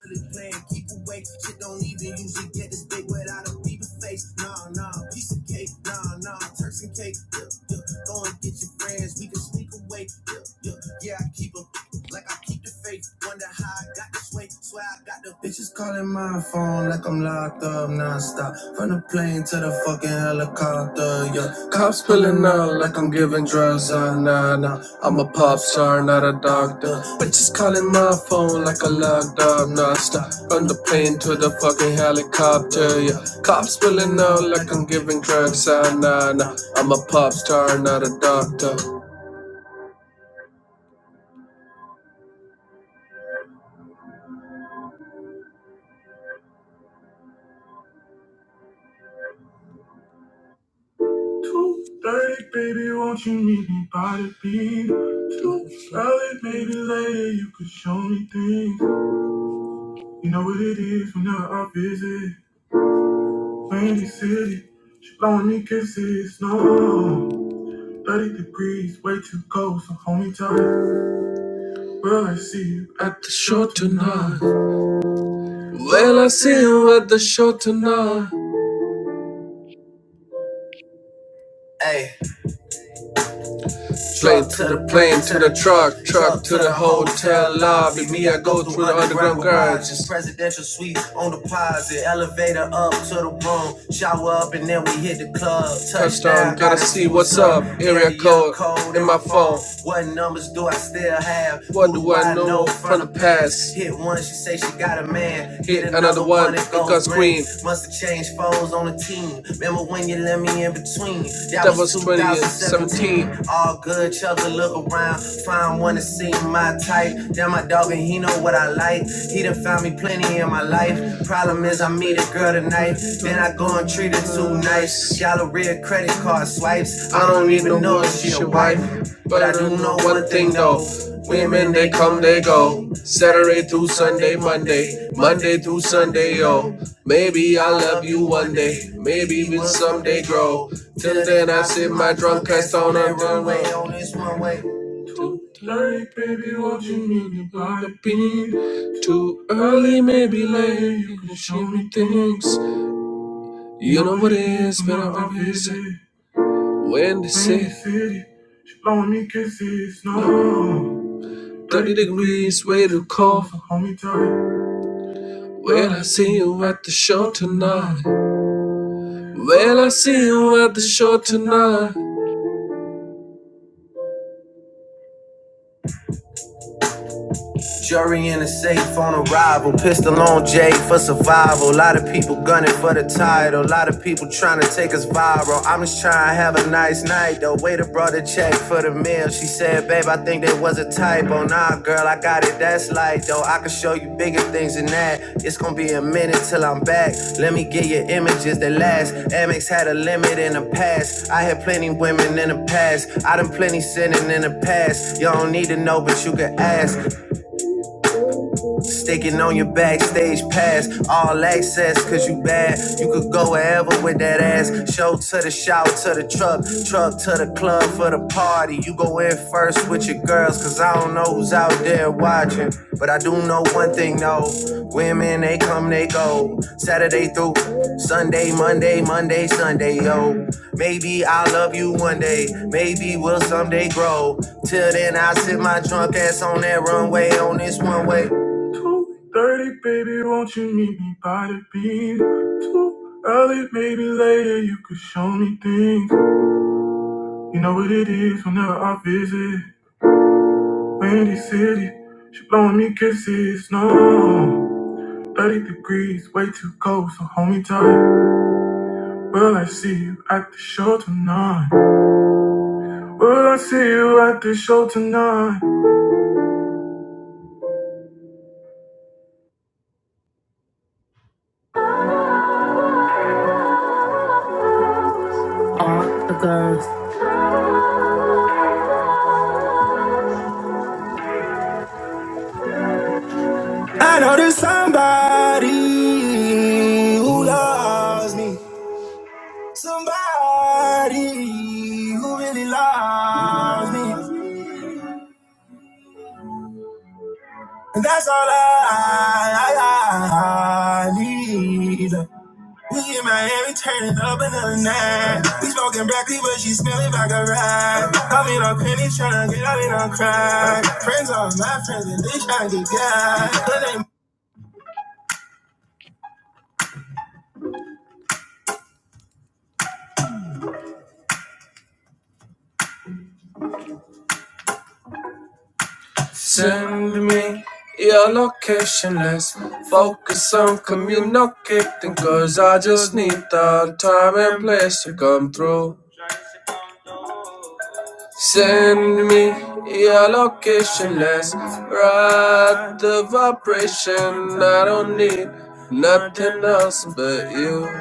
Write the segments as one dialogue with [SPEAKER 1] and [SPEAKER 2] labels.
[SPEAKER 1] for this plan, keep awake. Shit don't even usually get this big without a beaver face. Nah, nah, piece of cake. Nah, nah, Turks and cake. Yeah, yeah. Go and get your friends, we can sneak away. Yeah, yeah, yeah. I keep 'em like I keep the faith. Wonder how I got this way. Swear I got the bitches calling my phone like I'm locked up nonstop. From the plane. Into the fucking helicopter, yeah. Cops pulling out like I'm giving drugs, uh, nah, nah. I'm a pop star, not a doctor. Bitches calling my phone like a locked up, nah, stop. Run the plane to the fucking helicopter, yeah. Cops pulling out like I'm giving drugs, uh, nah, nah. I'm a pop star, not a doctor. 2.30, baby, won't you meet me by the beat? 2.30, maybe later you could show me things. You know what it is whenever I visit. Windy city, she blowing me kisses, no 30 degrees, way too cold, so hold me tight Will I see you at the show tonight? Will I see you at the show tonight? Ay. Slave to the plane, to the truck, truck to the hotel lobby. Me, I go through the underground garages. Presidential suite on deposit, elevator up to the room, shower up, and then we hit the club. Touchdown, gotta see what's up. Area code in my phone. What numbers do I still have? What do I know from the past? Hit once she say she got a man. Hit another another one, one, it goes green. Must have changed phones on the team. Remember when you let me in between? That That was 2017. All good, chug a look around. Find one to see my type. Damn, my dog, and he know what I like. He done found me plenty in my life. Problem is, I meet a girl tonight. Then I go and treat her too nice. Nice. Galleria credit card swipes. I don't even know if she a your wife. But I do know one thing though. Women, they come, they go. Saturday through Sunday, Monday, Monday through Sunday, yo. Maybe I'll love you one day, maybe we'll someday grow. Till then, I sit my drunk ass on a runway on this one way. Too late, baby, what you mean about the beat? Too early, maybe late, you can show me things. You know what it is, but I'm busy. When they say, no. 30 degrees, way to call. for homie time. Well, I see you at the show tonight. Well, I see you at the show tonight. Jury in a safe on arrival. Pistol on Jay for survival. A lot of people gunning for the title. A lot of people trying to take us viral. I'm just trying to have a nice night though. Waiter brought a check for the meal. She said, Babe, I think there was a typo. Nah, girl, I got it. That's light though. I can show you bigger things than that. It's gonna be a minute till I'm back. Let me get your images that last. Amex had a limit in the past. I had plenty women in the past. I done plenty sinning in the past. You don't need to know, but you can ask. Sticking on your backstage pass, all access, cause you bad. You could go wherever with that ass. Show to the shout, to the truck, truck to the club for the party. You go in first with your girls, cause I don't know who's out there watching. But I do know one thing though women, they come, they go. Saturday through Sunday, Monday, Monday, Sunday, yo. Maybe I'll love you one day, maybe we'll someday grow. Till then, I sit my drunk ass on that runway on this one way. Two thirty, baby, won't you meet me by the beach? Too early, maybe later, you could show me things. You know what it is whenever I visit Windy City. She blowing me kisses, no. 30 degrees, way too cold, so hold me tight. Will I see you at the show tonight? Will I see you at the show tonight? I know there's somebody who loves me. Somebody who really loves me. And that's all I, I, I need. We in Miami turning up another night. We smoking broccoli, but she smelling like a ride. I'm in a penny trying to get out in a crack. Friends are my friends and they trying to get gas. Send me your location, let's focus on communicating. Cause I just need the time and place to come through. Send me your location, let's ride the vibration. I don't need nothing else but you.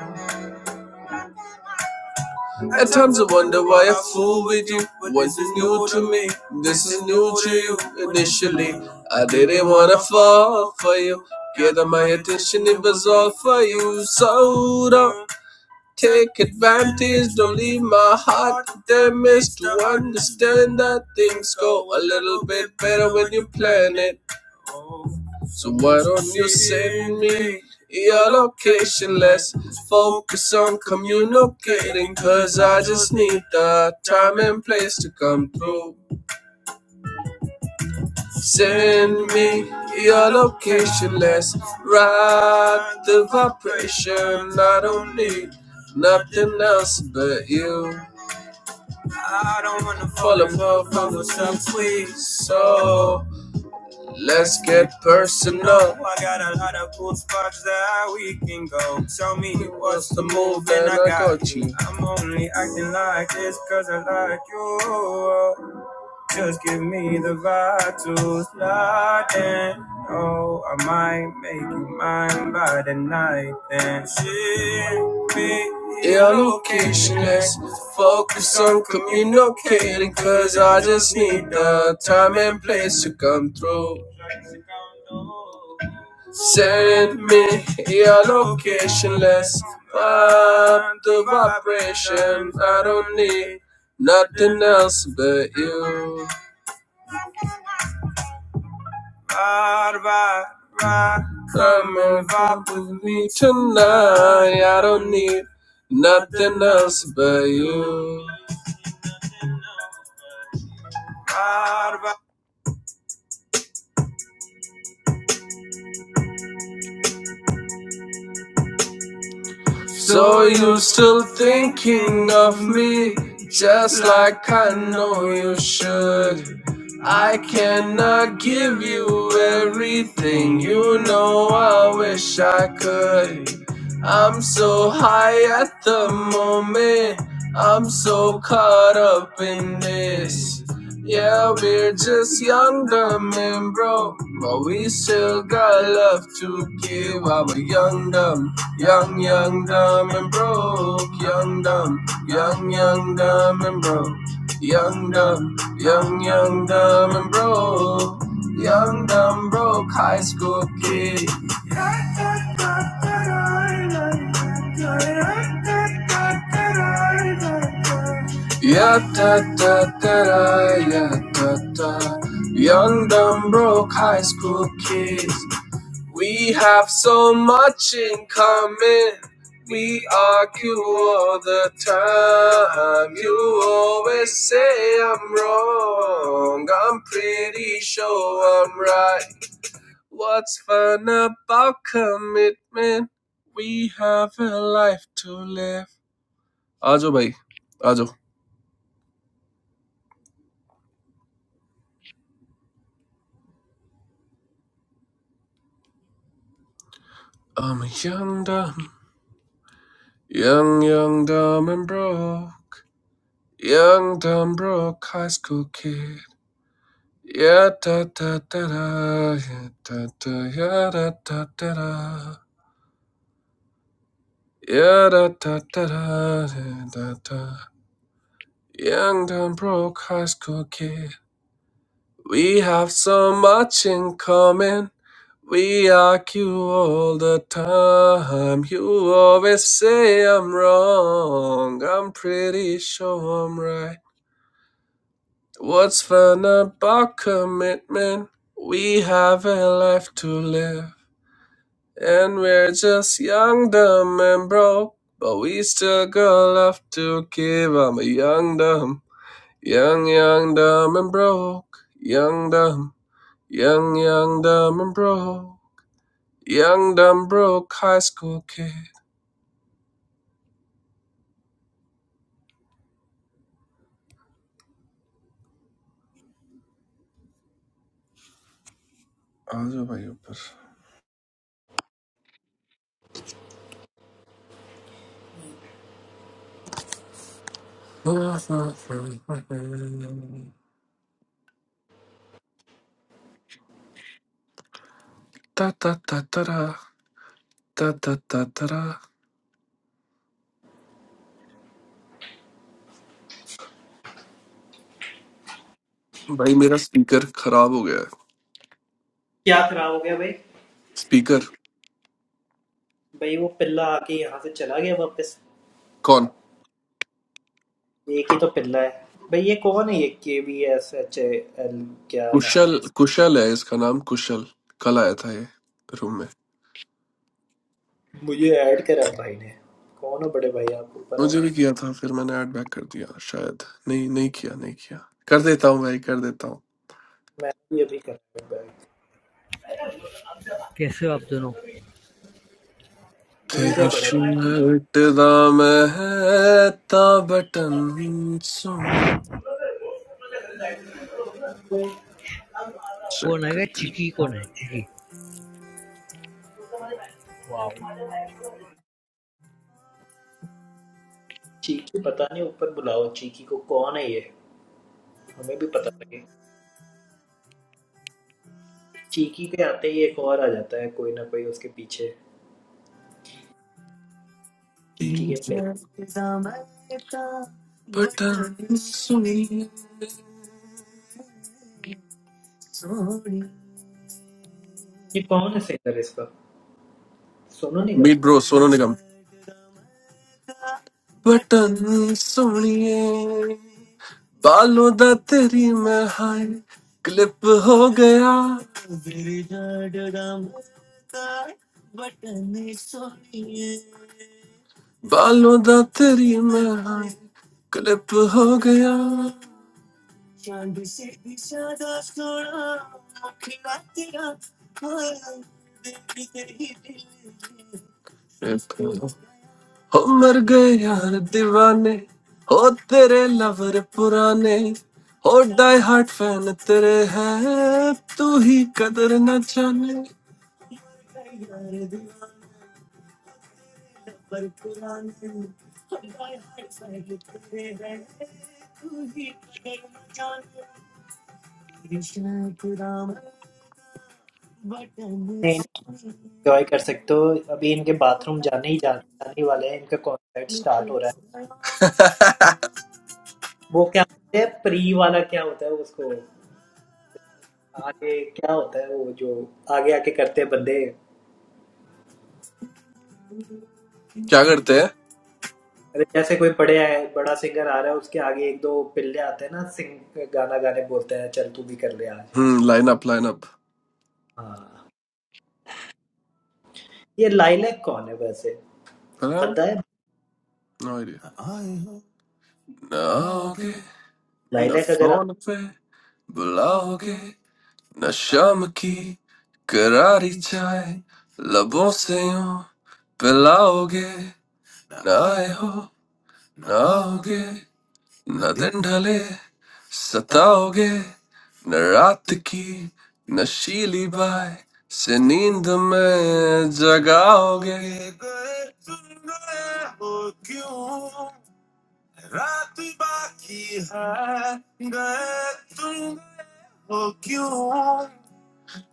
[SPEAKER 1] At times I wonder why I fool with you. Was this new to me? This is new to you. Initially, I didn't wanna fall for you. Get my attention, it was all for you. So don't take advantage, don't leave my heart damaged. To understand that things go a little bit better when you plan it. So why don't you send me your location? Let's focus on communicating. Cause I just need the time and place to come through. Send me your location. Let's ride the vibration. I don't need nothing else but you. I don't wanna fall apart from the sweet. So Let's get personal. I got a lot of cool spots that we can go. Tell me what's the move and I got you. I'm only acting like this 'cause I like you. Just give me the vitals, nothing. Oh, I might make you mine by the night. Then ship me your location. Let's focus on communicating. Cause I just need the time and place to come through. Send me your location. Let's find the vibration. I don't need nothing else but you. Ride, ride, ride. Come and vibe with me tonight. I don't need nothing else but you. Ride, So you are still thinking of me, just like I know you should. I cannot give you everything, you know I wish I could. I'm so high at the moment, I'm so caught up in this. Yeah, we're just young, dumb, and broke, but we still got love to give. Our young, dumb, young, young, dumb, and broke, young, dumb, young, young, dumb, and broke, young, dumb, young, young, dumb, and broke, young, dumb, broke high school kid. Yeah, da, da, da, da, yeah, da, da. Young, dumb, broke high school kids. We have so much in common. We argue all the time. You always say I'm wrong. I'm pretty sure I'm right. What's fun about commitment? We have a life to live. आ जाओ भाई आ जाओ I'm a young dumb, young young dumb and broke, young dumb broke high school kid. Yeah, da da da da, yeah, da da, yeah, da da da da, yeah, da da da da, yeah, da da. Young and broke high school kid, we have so much in common. We argue all the time. You always say I'm wrong. I'm pretty sure I'm right. What's fun about commitment? We have a life to live. And we're just young, dumb, and broke. But we still got love to give. I'm a young, dumb, young, young, dumb, and broke. Young, dumb, young, young, dumb, and broke. Young, dumb, broke high school kid. I'll do my best. Ta ta ta ta da. Ta ta ta ta da. भाई मेरा speaker खराब हो गया है
[SPEAKER 2] क्या खराब हो गया भाई
[SPEAKER 1] स्पीकर
[SPEAKER 2] भाई वो पिल्ला आके यहाँ से चला गया वापस
[SPEAKER 1] कौन
[SPEAKER 2] एक ही तो पिल्ला है भाई ये कौन है ये K B S H A L क्या नाम
[SPEAKER 1] कुशल
[SPEAKER 2] है इसका
[SPEAKER 1] कुशल है इसका नाम कुशल कल आया था ये रूम में
[SPEAKER 2] मुझे ऐड करा भाई ने कौन हो बड़े भाई आप ऊपर आओ
[SPEAKER 1] मुझे भी किया था फिर मैंने ऐड बैक कर दिया शायद नहीं नहीं किया नहीं किया कर देता हूँ भाई कर देता हूँ
[SPEAKER 2] मैं भी अभी कर रहा हूँ back।
[SPEAKER 3] कैसे हो आप दोनों
[SPEAKER 2] ठीक
[SPEAKER 1] तेरी
[SPEAKER 2] है बड़े
[SPEAKER 1] शर्ट दा महता बटन सोनी चेक
[SPEAKER 3] कौन है
[SPEAKER 1] करते
[SPEAKER 3] चिकी कौन है चिकी वाह
[SPEAKER 2] चीकी पता नहीं ऊपर बुलाओ चीकी को कौन है ये हमें भी पता लगे चीकी के आते ही एक और आ जाता है कोई ना कोई उसके पीछे चीकी
[SPEAKER 1] हैं।
[SPEAKER 2] के पिल्ला
[SPEAKER 1] बटन सोनी
[SPEAKER 2] ये कौन है सिंगर इसका सोनू निगम
[SPEAKER 1] बीट ब्रो सोनू निगम बटन सोनिए बालों दा तेरी मैं हाय क्लिप हो गया बालों दा तेरी मैं क्लिप हो गया हो मर गए यार दीवाने हो तेरे लवर पुराने हो डाई हार्ट फैन तेरे है तू ही कदर न जाने
[SPEAKER 2] नहीं एन्जॉय कर सकते हो। अभी इनके बाथरूम जाने ही जा, जाने ही वाले हैं। इनका कॉन्सर्ट स्टार्ट हो रहा है। वो क्या होता है प्री वाला क्या होता है उसको आगे क्या होता है वो जो आगे आके करते हैं बंदे
[SPEAKER 1] क्या करते हैं
[SPEAKER 2] अरे जैसे कोई बड़े आए बड़ा सिंगर आ रहा है उसके आगे एक दो पिल्ले आते हैं ना सिंग गाना गाने बोलते हैं चल तू भी कर ले आज
[SPEAKER 1] हम्म लाइन अप लाइन अप
[SPEAKER 2] हाँ ये लाइलैक कौन है वैसे
[SPEAKER 1] पता नहीं
[SPEAKER 2] बंदा है
[SPEAKER 1] नो आइडिया ना आओगे, ना
[SPEAKER 2] लाइलैक अगर आप
[SPEAKER 1] फोन पे बुलाओगे नशाम की करारी चाय लबों से यूं पिलाओगे ना आए हो ना होगे न दिन ढले सताओगे न रात की नशीली बाय से नींद में जगाओगे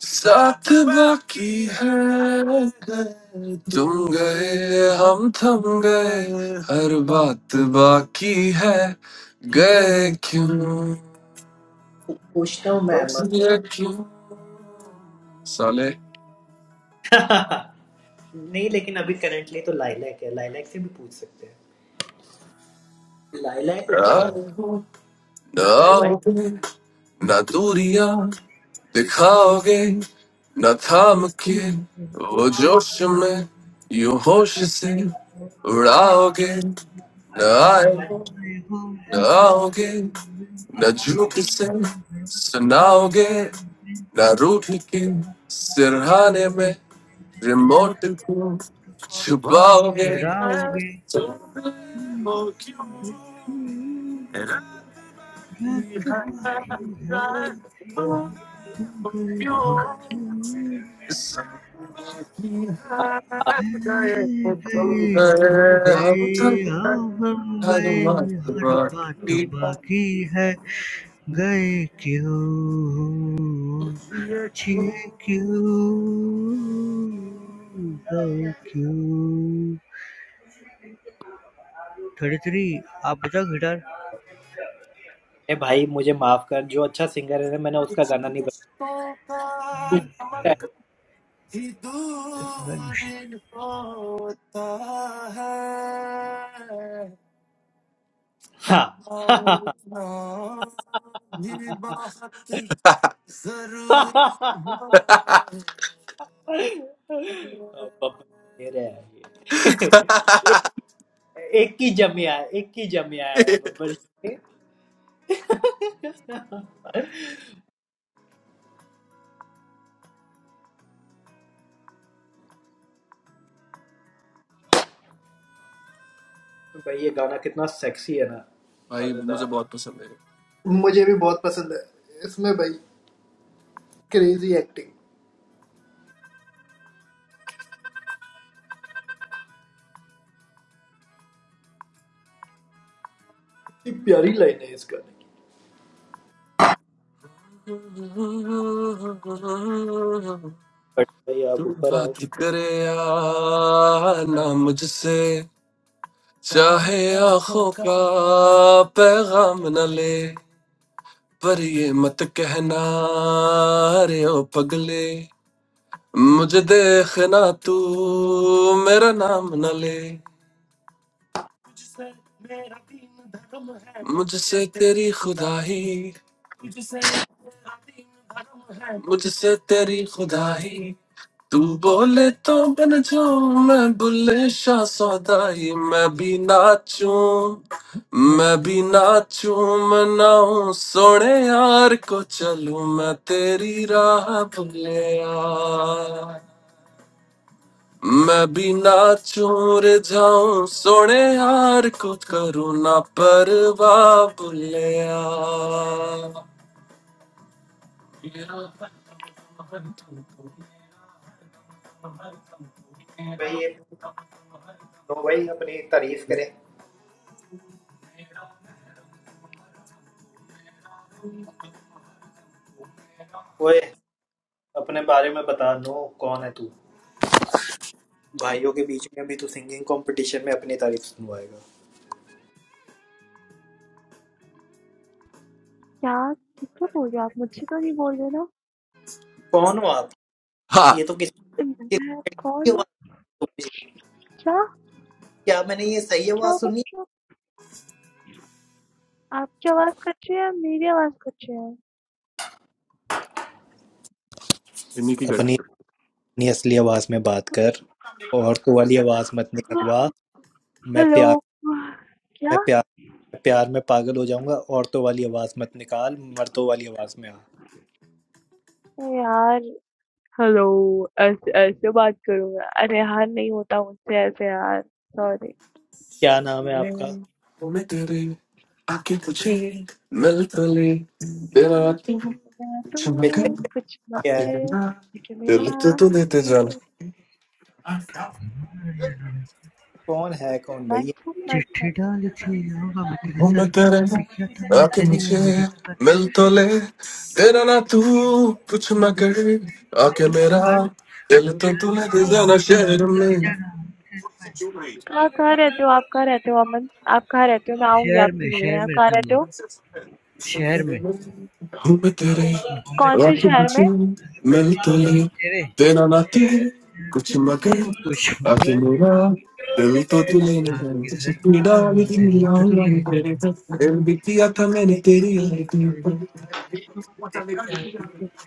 [SPEAKER 1] साथ बाकी है तुम गए हम थम गए हर बात बाकी है गए क्यों
[SPEAKER 2] पूछता हूँ मैं अम्मा से
[SPEAKER 1] बचे क्यों साले
[SPEAKER 2] नहीं लेकिन अभी करंटली तो लाइलैक है लाइलैक से भी पूछ सकते हैं लाइला है
[SPEAKER 1] ना
[SPEAKER 2] ऊपर आओ
[SPEAKER 1] हो ना
[SPEAKER 2] बड़े भाई
[SPEAKER 1] आओगे, ना दूरियां दिखाओगे न थाम के वो जोश में यूं होश से उड़ाओगे न आए हो न आओगे न झूठ से सुनाओगे न रूठ के सिरहाने में रिमोट को छुपाओगे
[SPEAKER 3] जरा हो गए रात बाकी है तुम गए हम
[SPEAKER 1] सब गए वो तुम
[SPEAKER 3] गए तुम
[SPEAKER 1] गए, हम थक
[SPEAKER 3] गए हाँ
[SPEAKER 1] गए,
[SPEAKER 3] हम
[SPEAKER 1] हर
[SPEAKER 3] गए हर
[SPEAKER 1] मर्तबा
[SPEAKER 3] बात
[SPEAKER 1] की बात।
[SPEAKER 3] बाकी है गए क्यों छे क्यों गए क्यों थर्टी थ्री आप बजाओ गिटार
[SPEAKER 2] ए भाई मुझे माफ कर जो अच्छा सिंगर है ना मैंने उसका गाना नहीं बजाया
[SPEAKER 3] वंश
[SPEAKER 2] हाँ बब्बर शेर है ये एक ही जमिया है एक ही जमिया है बब्बर शेर भाई ये गाना कितना सेक्सी है ना
[SPEAKER 1] भाई मुझे
[SPEAKER 2] मजेदार
[SPEAKER 1] बहुत पसंद है
[SPEAKER 2] मुझे भी बहुत पसंद है इसमें भाई क्रेजी एक्टिंग ये प्यारी लाइन है इस गाने की बट भाई
[SPEAKER 1] तू
[SPEAKER 2] आप ऊपर आओ
[SPEAKER 1] बात करे या ना मुझसे चाहे आखा पैगाम न ले पर ये मत कहना रे ओ पगले मुझे देखना तू मेरा नाम न ले मुझसे तेरी खुदाई मुझसे तेरी खुदाई तू बोले तो बन जाऊं मैं बुल्ले शाह सौदाई मैं भी नाचूं मैं भी नाचूं मनाऊं सोने यार को चलूं मैं तेरी राह भूले मैं भी ना चूर जाऊं सोने यार कुछ करूं ना परवाह भुलिया
[SPEAKER 2] भाई ये नो भाई अपनी तारीफ करें ओए अपने बारे में बता नो कौन है तू भाइयों के बीच में भी तू सिंगिंग कंपटीशन में अपनी तारीफ सुनवाएगा
[SPEAKER 4] क्या? किससे बोल रहे हो गया आप? मुझसे तो नहीं बोल रहे ना?
[SPEAKER 2] कौन हो आप
[SPEAKER 1] हाँ
[SPEAKER 2] ये तो किस
[SPEAKER 4] अ, मैं
[SPEAKER 2] किस- की
[SPEAKER 4] कौन हूँ?
[SPEAKER 2] आवाज सुन रही है?
[SPEAKER 4] क्या?
[SPEAKER 2] क्या मैंने ये सही
[SPEAKER 4] क्या
[SPEAKER 2] आवाज
[SPEAKER 4] बोल
[SPEAKER 2] सुनी
[SPEAKER 4] रहे हो? आपकी आवाज़ कच्ची है, मेरी आवाज़ कच्ची है।
[SPEAKER 1] इन्हीं की कट
[SPEAKER 2] अपनी
[SPEAKER 1] तो
[SPEAKER 2] अपनी असली आवाज में बात कर औरतों वाली आवाज मत
[SPEAKER 4] हाँ,
[SPEAKER 2] निकलवा मैं प्यार
[SPEAKER 4] हेलो। क्या?
[SPEAKER 2] मैं प्यार मैं प्यार में पागल हो जाऊंगा औरतों वाली आवाज मत निकाल मर्दों वाली आवाज में आ
[SPEAKER 4] अरे यार, हेलो। ऐसे ऐसे बात करो। अरे यार, नहीं होता मुझसे ऐसे यार। सॉरी।
[SPEAKER 2] क्या नाम है आपका
[SPEAKER 1] मैं तेरे आके तुझे मिल तो ले तेरा तू
[SPEAKER 4] मैं तो
[SPEAKER 1] चमके
[SPEAKER 4] कुछ मगर लेकिन मेरा
[SPEAKER 1] दिल तो तू देते जान
[SPEAKER 2] कौन है कौन
[SPEAKER 4] मैक
[SPEAKER 2] भैया
[SPEAKER 4] था, मैक था।
[SPEAKER 3] चिट्ठी डाली थी होगा मैं तेरे
[SPEAKER 1] हूँ
[SPEAKER 3] सर
[SPEAKER 1] मैं तेरे
[SPEAKER 3] पे किया था मैंने
[SPEAKER 1] आके
[SPEAKER 3] तेरी
[SPEAKER 1] मुझे
[SPEAKER 3] आईडी पर
[SPEAKER 1] मिल तो ले तेरा ना तू कुछ मगर आके
[SPEAKER 3] कुछ
[SPEAKER 1] मेरा
[SPEAKER 3] मगर
[SPEAKER 1] दिल
[SPEAKER 3] लगे
[SPEAKER 1] तो तू ले दे
[SPEAKER 3] जरा
[SPEAKER 1] जाना
[SPEAKER 3] मुझे तो
[SPEAKER 1] शहर
[SPEAKER 3] लगे
[SPEAKER 1] में
[SPEAKER 3] जाना मुझे मैं-
[SPEAKER 4] कहाँ कहाँ रहते हो आप? कहाँ रहते हो अमन? आप कहाँ रहते हो? मैं आऊंगी
[SPEAKER 3] शहर
[SPEAKER 4] आपसे
[SPEAKER 3] में
[SPEAKER 4] मिलने।
[SPEAKER 3] शहर
[SPEAKER 4] आप
[SPEAKER 3] में
[SPEAKER 4] कहाँ
[SPEAKER 3] रहते हम
[SPEAKER 4] रहते
[SPEAKER 3] लोग
[SPEAKER 4] हो?
[SPEAKER 3] शहर में
[SPEAKER 1] हूँ मैं तेरे
[SPEAKER 3] घूमे
[SPEAKER 4] कौन से
[SPEAKER 3] तेरे
[SPEAKER 1] रातों में
[SPEAKER 4] शहर में?
[SPEAKER 1] चैन,
[SPEAKER 3] आगे
[SPEAKER 1] मिल तो
[SPEAKER 3] मेरे तेरे
[SPEAKER 1] देना ना तू
[SPEAKER 3] तू
[SPEAKER 1] कुछ मगर
[SPEAKER 3] कुछ
[SPEAKER 1] आके
[SPEAKER 3] मगर
[SPEAKER 1] मेरा दिल तो
[SPEAKER 3] आगे जरा दिल्ली तो तू ले जाना
[SPEAKER 1] दिल भी किया था मैंने तेरी
[SPEAKER 3] तेरी- तो तेरी आईडी पर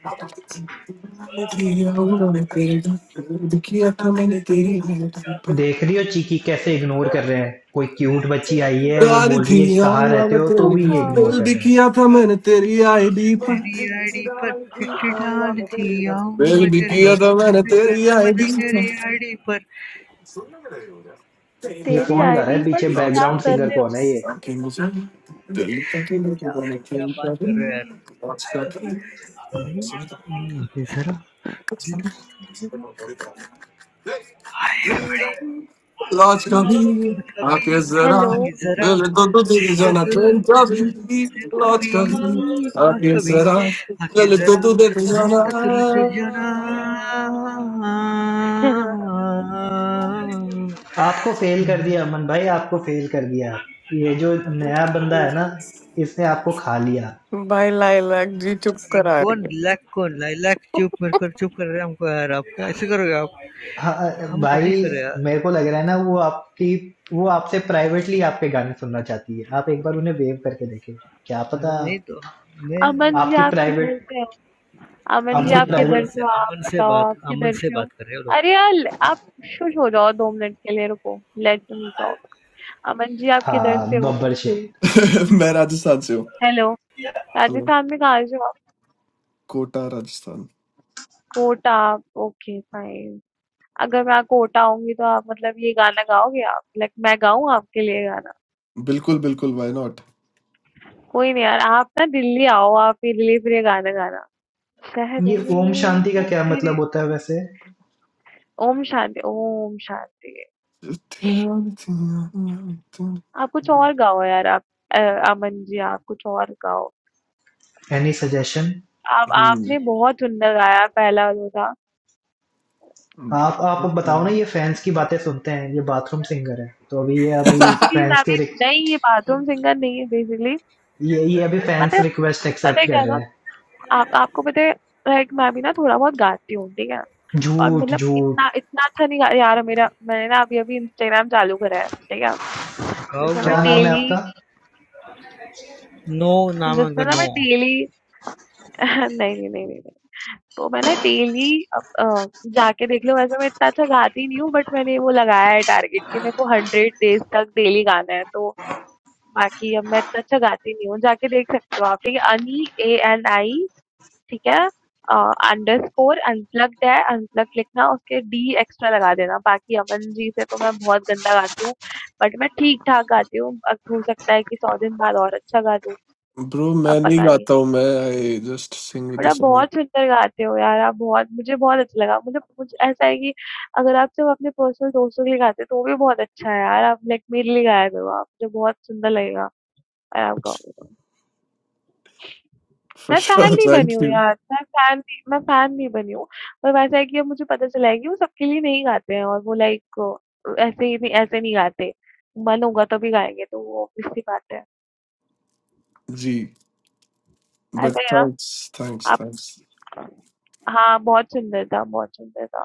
[SPEAKER 2] देख रही हो चीकी कैसे इग्नोर कर रहे हैं कोई क्यूट बच्ची आई है वो
[SPEAKER 1] डाल
[SPEAKER 2] बोल
[SPEAKER 1] थी
[SPEAKER 2] रही है
[SPEAKER 1] यार
[SPEAKER 2] कहाँ रहते हो तो भी ये इग्नोर
[SPEAKER 1] दिल
[SPEAKER 4] हाँ,
[SPEAKER 2] कर
[SPEAKER 1] भी
[SPEAKER 2] रहे हैं
[SPEAKER 1] किया था मैंने तेरी आईडी पर
[SPEAKER 3] तेरी आईडी पर चिट्ठी डाल दी आऊंगा
[SPEAKER 1] दिल
[SPEAKER 3] मैं
[SPEAKER 1] भी
[SPEAKER 3] तेरे
[SPEAKER 1] किया
[SPEAKER 3] बस
[SPEAKER 1] था मैंने
[SPEAKER 3] मैंने किया
[SPEAKER 1] तेरी
[SPEAKER 3] था मैंने
[SPEAKER 1] आईडी
[SPEAKER 3] तेरी आईडी पर
[SPEAKER 2] ये
[SPEAKER 4] तेरी
[SPEAKER 2] कौन गा रहा
[SPEAKER 4] आईडी
[SPEAKER 2] है पीछे
[SPEAKER 4] पर ये क्या
[SPEAKER 2] बैकग्राउंड
[SPEAKER 4] कर
[SPEAKER 2] सिंगर
[SPEAKER 4] रहे हो?
[SPEAKER 2] कौन है ये
[SPEAKER 3] क्या बात कर रहे हो यार अभी हम्म, अभी जरा दिल तो सुन जरा
[SPEAKER 1] पर Lord, come here.
[SPEAKER 3] कुछ
[SPEAKER 1] I
[SPEAKER 3] अभी
[SPEAKER 1] kiss
[SPEAKER 4] हेलो
[SPEAKER 1] around.
[SPEAKER 3] अभी जरा
[SPEAKER 1] Will it do do this
[SPEAKER 3] से
[SPEAKER 1] on a
[SPEAKER 3] दिल
[SPEAKER 1] trump job?
[SPEAKER 3] जैसा दिल
[SPEAKER 1] Lord,
[SPEAKER 3] कभी
[SPEAKER 1] come here. I
[SPEAKER 3] लौट
[SPEAKER 1] kiss
[SPEAKER 3] कभी
[SPEAKER 1] around.
[SPEAKER 3] आगे
[SPEAKER 1] Will it do
[SPEAKER 3] जरा
[SPEAKER 1] do this on
[SPEAKER 3] दिल तो तुल से
[SPEAKER 1] a...
[SPEAKER 3] जरा
[SPEAKER 2] आपको फेल कर दिया अमन भाई आपको फेल कर दिया ये जो नया बंदा है ना इसने आपको खा लिया
[SPEAKER 5] भाई लाइलाक जी चुप
[SPEAKER 3] ये
[SPEAKER 5] करा रही
[SPEAKER 3] कौन
[SPEAKER 5] है
[SPEAKER 3] ब्लैक कौन लाइलैक चुप मेरे को चुप कर रहे हैं हमको यार आप कैसे करोगे आप
[SPEAKER 2] हाँ,
[SPEAKER 3] हम कोशिश
[SPEAKER 2] भाई
[SPEAKER 3] कर रहे हैं
[SPEAKER 2] मेरे
[SPEAKER 3] यार
[SPEAKER 2] को लग रहा है ना वो आपकी वो आपसे प्राइवेटली आपके गाने सुनना चाहती है आप एक बार उन्हें वेव करके देखें क्या पता
[SPEAKER 3] अरे नहीं तो मैं
[SPEAKER 4] अमन जी
[SPEAKER 2] आपकी
[SPEAKER 4] आप किधर
[SPEAKER 2] प्राइवेट
[SPEAKER 4] से हो अमन जी
[SPEAKER 1] जी।
[SPEAKER 2] आपकी
[SPEAKER 4] आप
[SPEAKER 3] अमन अमन
[SPEAKER 4] किधर
[SPEAKER 2] प्राइवेट
[SPEAKER 4] से
[SPEAKER 3] से
[SPEAKER 4] हो आप
[SPEAKER 3] अमन से
[SPEAKER 4] बताओ
[SPEAKER 3] बात
[SPEAKER 4] आप
[SPEAKER 3] अमन
[SPEAKER 4] किधर
[SPEAKER 3] से
[SPEAKER 4] से हो
[SPEAKER 3] बात कर रहे हो लोग
[SPEAKER 4] अरे यार आप शुश हो जाओ दो मिनट के लिए रुको लेट मी टॉक अमन जी आप किधर से
[SPEAKER 2] हाँ
[SPEAKER 4] हो
[SPEAKER 2] बब्बर शेख
[SPEAKER 1] मैं राजस्थान से हूँ
[SPEAKER 4] हेलो
[SPEAKER 1] हेलो
[SPEAKER 4] राजस्थान में कहाँ से हो आप
[SPEAKER 1] कोटा राजस्थान
[SPEAKER 4] कोटा ओके फाइन अगर मैं कोटा आऊंगी तो आप मतलब ये गाना गाओगे आप लाइक मैं गाऊं आपके लिए गाना
[SPEAKER 1] बिल्कुल बिल्कुल व्हाई नॉट
[SPEAKER 4] कोई नहीं यार आप ना दिल्ली आओ आप मेरे लिए फिर ये गाना गाना शहर
[SPEAKER 2] ये ओम
[SPEAKER 4] में
[SPEAKER 2] शांति का
[SPEAKER 4] वो भी
[SPEAKER 2] क्या
[SPEAKER 4] तेरे
[SPEAKER 2] मतलब होता है वैसे
[SPEAKER 4] ओम शांति ओम शांति आप कुछ और गाओ यार आप अ, अमन जी आप कुछ और गाओ
[SPEAKER 2] एनी सजेशन
[SPEAKER 4] आप आपने
[SPEAKER 1] हम्म
[SPEAKER 4] बहुत सुंदर गाया पहला जो था
[SPEAKER 2] आप आप
[SPEAKER 1] okay.
[SPEAKER 2] बताओ ना ये फैंस की बातें सुनते हैं ये बाथरूम सिंगर है तो अभी ये अभी
[SPEAKER 4] बेसिकली मैं
[SPEAKER 2] फैंस के
[SPEAKER 4] भी
[SPEAKER 2] रिक-
[SPEAKER 4] नहीं ये बाथरूम सिंगर नहीं है बेसिकली
[SPEAKER 2] ये ये अभी
[SPEAKER 4] पता
[SPEAKER 2] फैंस
[SPEAKER 4] है
[SPEAKER 2] रिक्वेस्ट
[SPEAKER 4] पता
[SPEAKER 2] एक्सेप्ट
[SPEAKER 4] है
[SPEAKER 2] कर
[SPEAKER 4] क्या
[SPEAKER 2] रहे
[SPEAKER 4] था
[SPEAKER 2] हैं
[SPEAKER 4] आप आपको पता है लाइक मैं भी ना थोड़ा बहुत गाती हूँ ठीक है और
[SPEAKER 2] झूठ
[SPEAKER 4] मतलब
[SPEAKER 2] झूठ
[SPEAKER 4] इतना इतना अच्छा नहीं गा यार मेरा मैंने ना अभी अभी इंस्टाग्राम चालू करा है ठीक है
[SPEAKER 3] गाँव
[SPEAKER 4] जैसे मैं
[SPEAKER 2] क्या नाम है
[SPEAKER 3] गाँव
[SPEAKER 4] डेली
[SPEAKER 2] आपका
[SPEAKER 3] नो नाम है उनका
[SPEAKER 4] जिसमें ना मैं
[SPEAKER 3] नो
[SPEAKER 4] डेली नहीं नहीं नहीं नहीं नहीं तो मैं ना डेली अब अ, जाके देख लो वैसे मैं इतना अच्छा गाती नहीं हूँ बट मैंने वो लगाया है टारगेट कि मेरे को हंड्रेड डेज तक डेली गाना है तो बाकी अब मैं इतना अच्छा गाती नहीं हूँ जाके देख सकते हो आप ठीक है अनी ए एन आई ठीक है अंडर स्कोर अनप्लग्ड है अनप्लग्ड लिखना उसके डी एक्स्ट्रा लगा देना बाकी अमन जी से तो मैं बहुत गंदा गाती हूँ बट मैं ठीक ठाक गाती हूँ अब हो सकता है कि सौ दिन बाद और अच्छा गा दूँ
[SPEAKER 1] ब्रो मैं
[SPEAKER 4] अब
[SPEAKER 1] नहीं
[SPEAKER 4] पता नहीं
[SPEAKER 1] गाता हूँ मैं आई जस्ट सिंग विद
[SPEAKER 4] और
[SPEAKER 1] द
[SPEAKER 4] आप
[SPEAKER 1] सॉन्ग
[SPEAKER 4] बहुत सुंदर गाते हो यार, आप बहुत मुझे बहुत अच्छा लगा। मुझे मुझे ऐसा है कि अगर आप सिर्फ़ अपने पर्सनल दोस्तों के लिए गाते हो, तो वो भी बहुत अच्छा है यार, आप लाइक मेरे लिए गाया करो आप, मुझे बहुत सुंदर लगेगा अगर आप गाओगे तो।
[SPEAKER 1] फॉर
[SPEAKER 4] मैं फ़ैन
[SPEAKER 1] श्योर
[SPEAKER 4] नहीं
[SPEAKER 1] थैंक
[SPEAKER 4] बनी हूँ
[SPEAKER 1] यू
[SPEAKER 4] यार, मैं फ़ैन नहीं मैं फ़ैन नहीं बनी हूँ, पर वैसा है कि अब मुझे पता चला है कि वो सबके लिए नहीं गाते हैं और वो लाइक अ, ऐसे ही नहीं ऐसे नहीं गाते। मन होगा तभी गाएँगे, तो वो ऑब्वियस सी बात है।
[SPEAKER 1] जी बट
[SPEAKER 4] ऐसा ही है ना?
[SPEAKER 1] थैंक्स थैंक्स
[SPEAKER 4] आप
[SPEAKER 1] थैंक्स।
[SPEAKER 4] हाँ, बहुत सुंदर था, बहुत सुंदर था।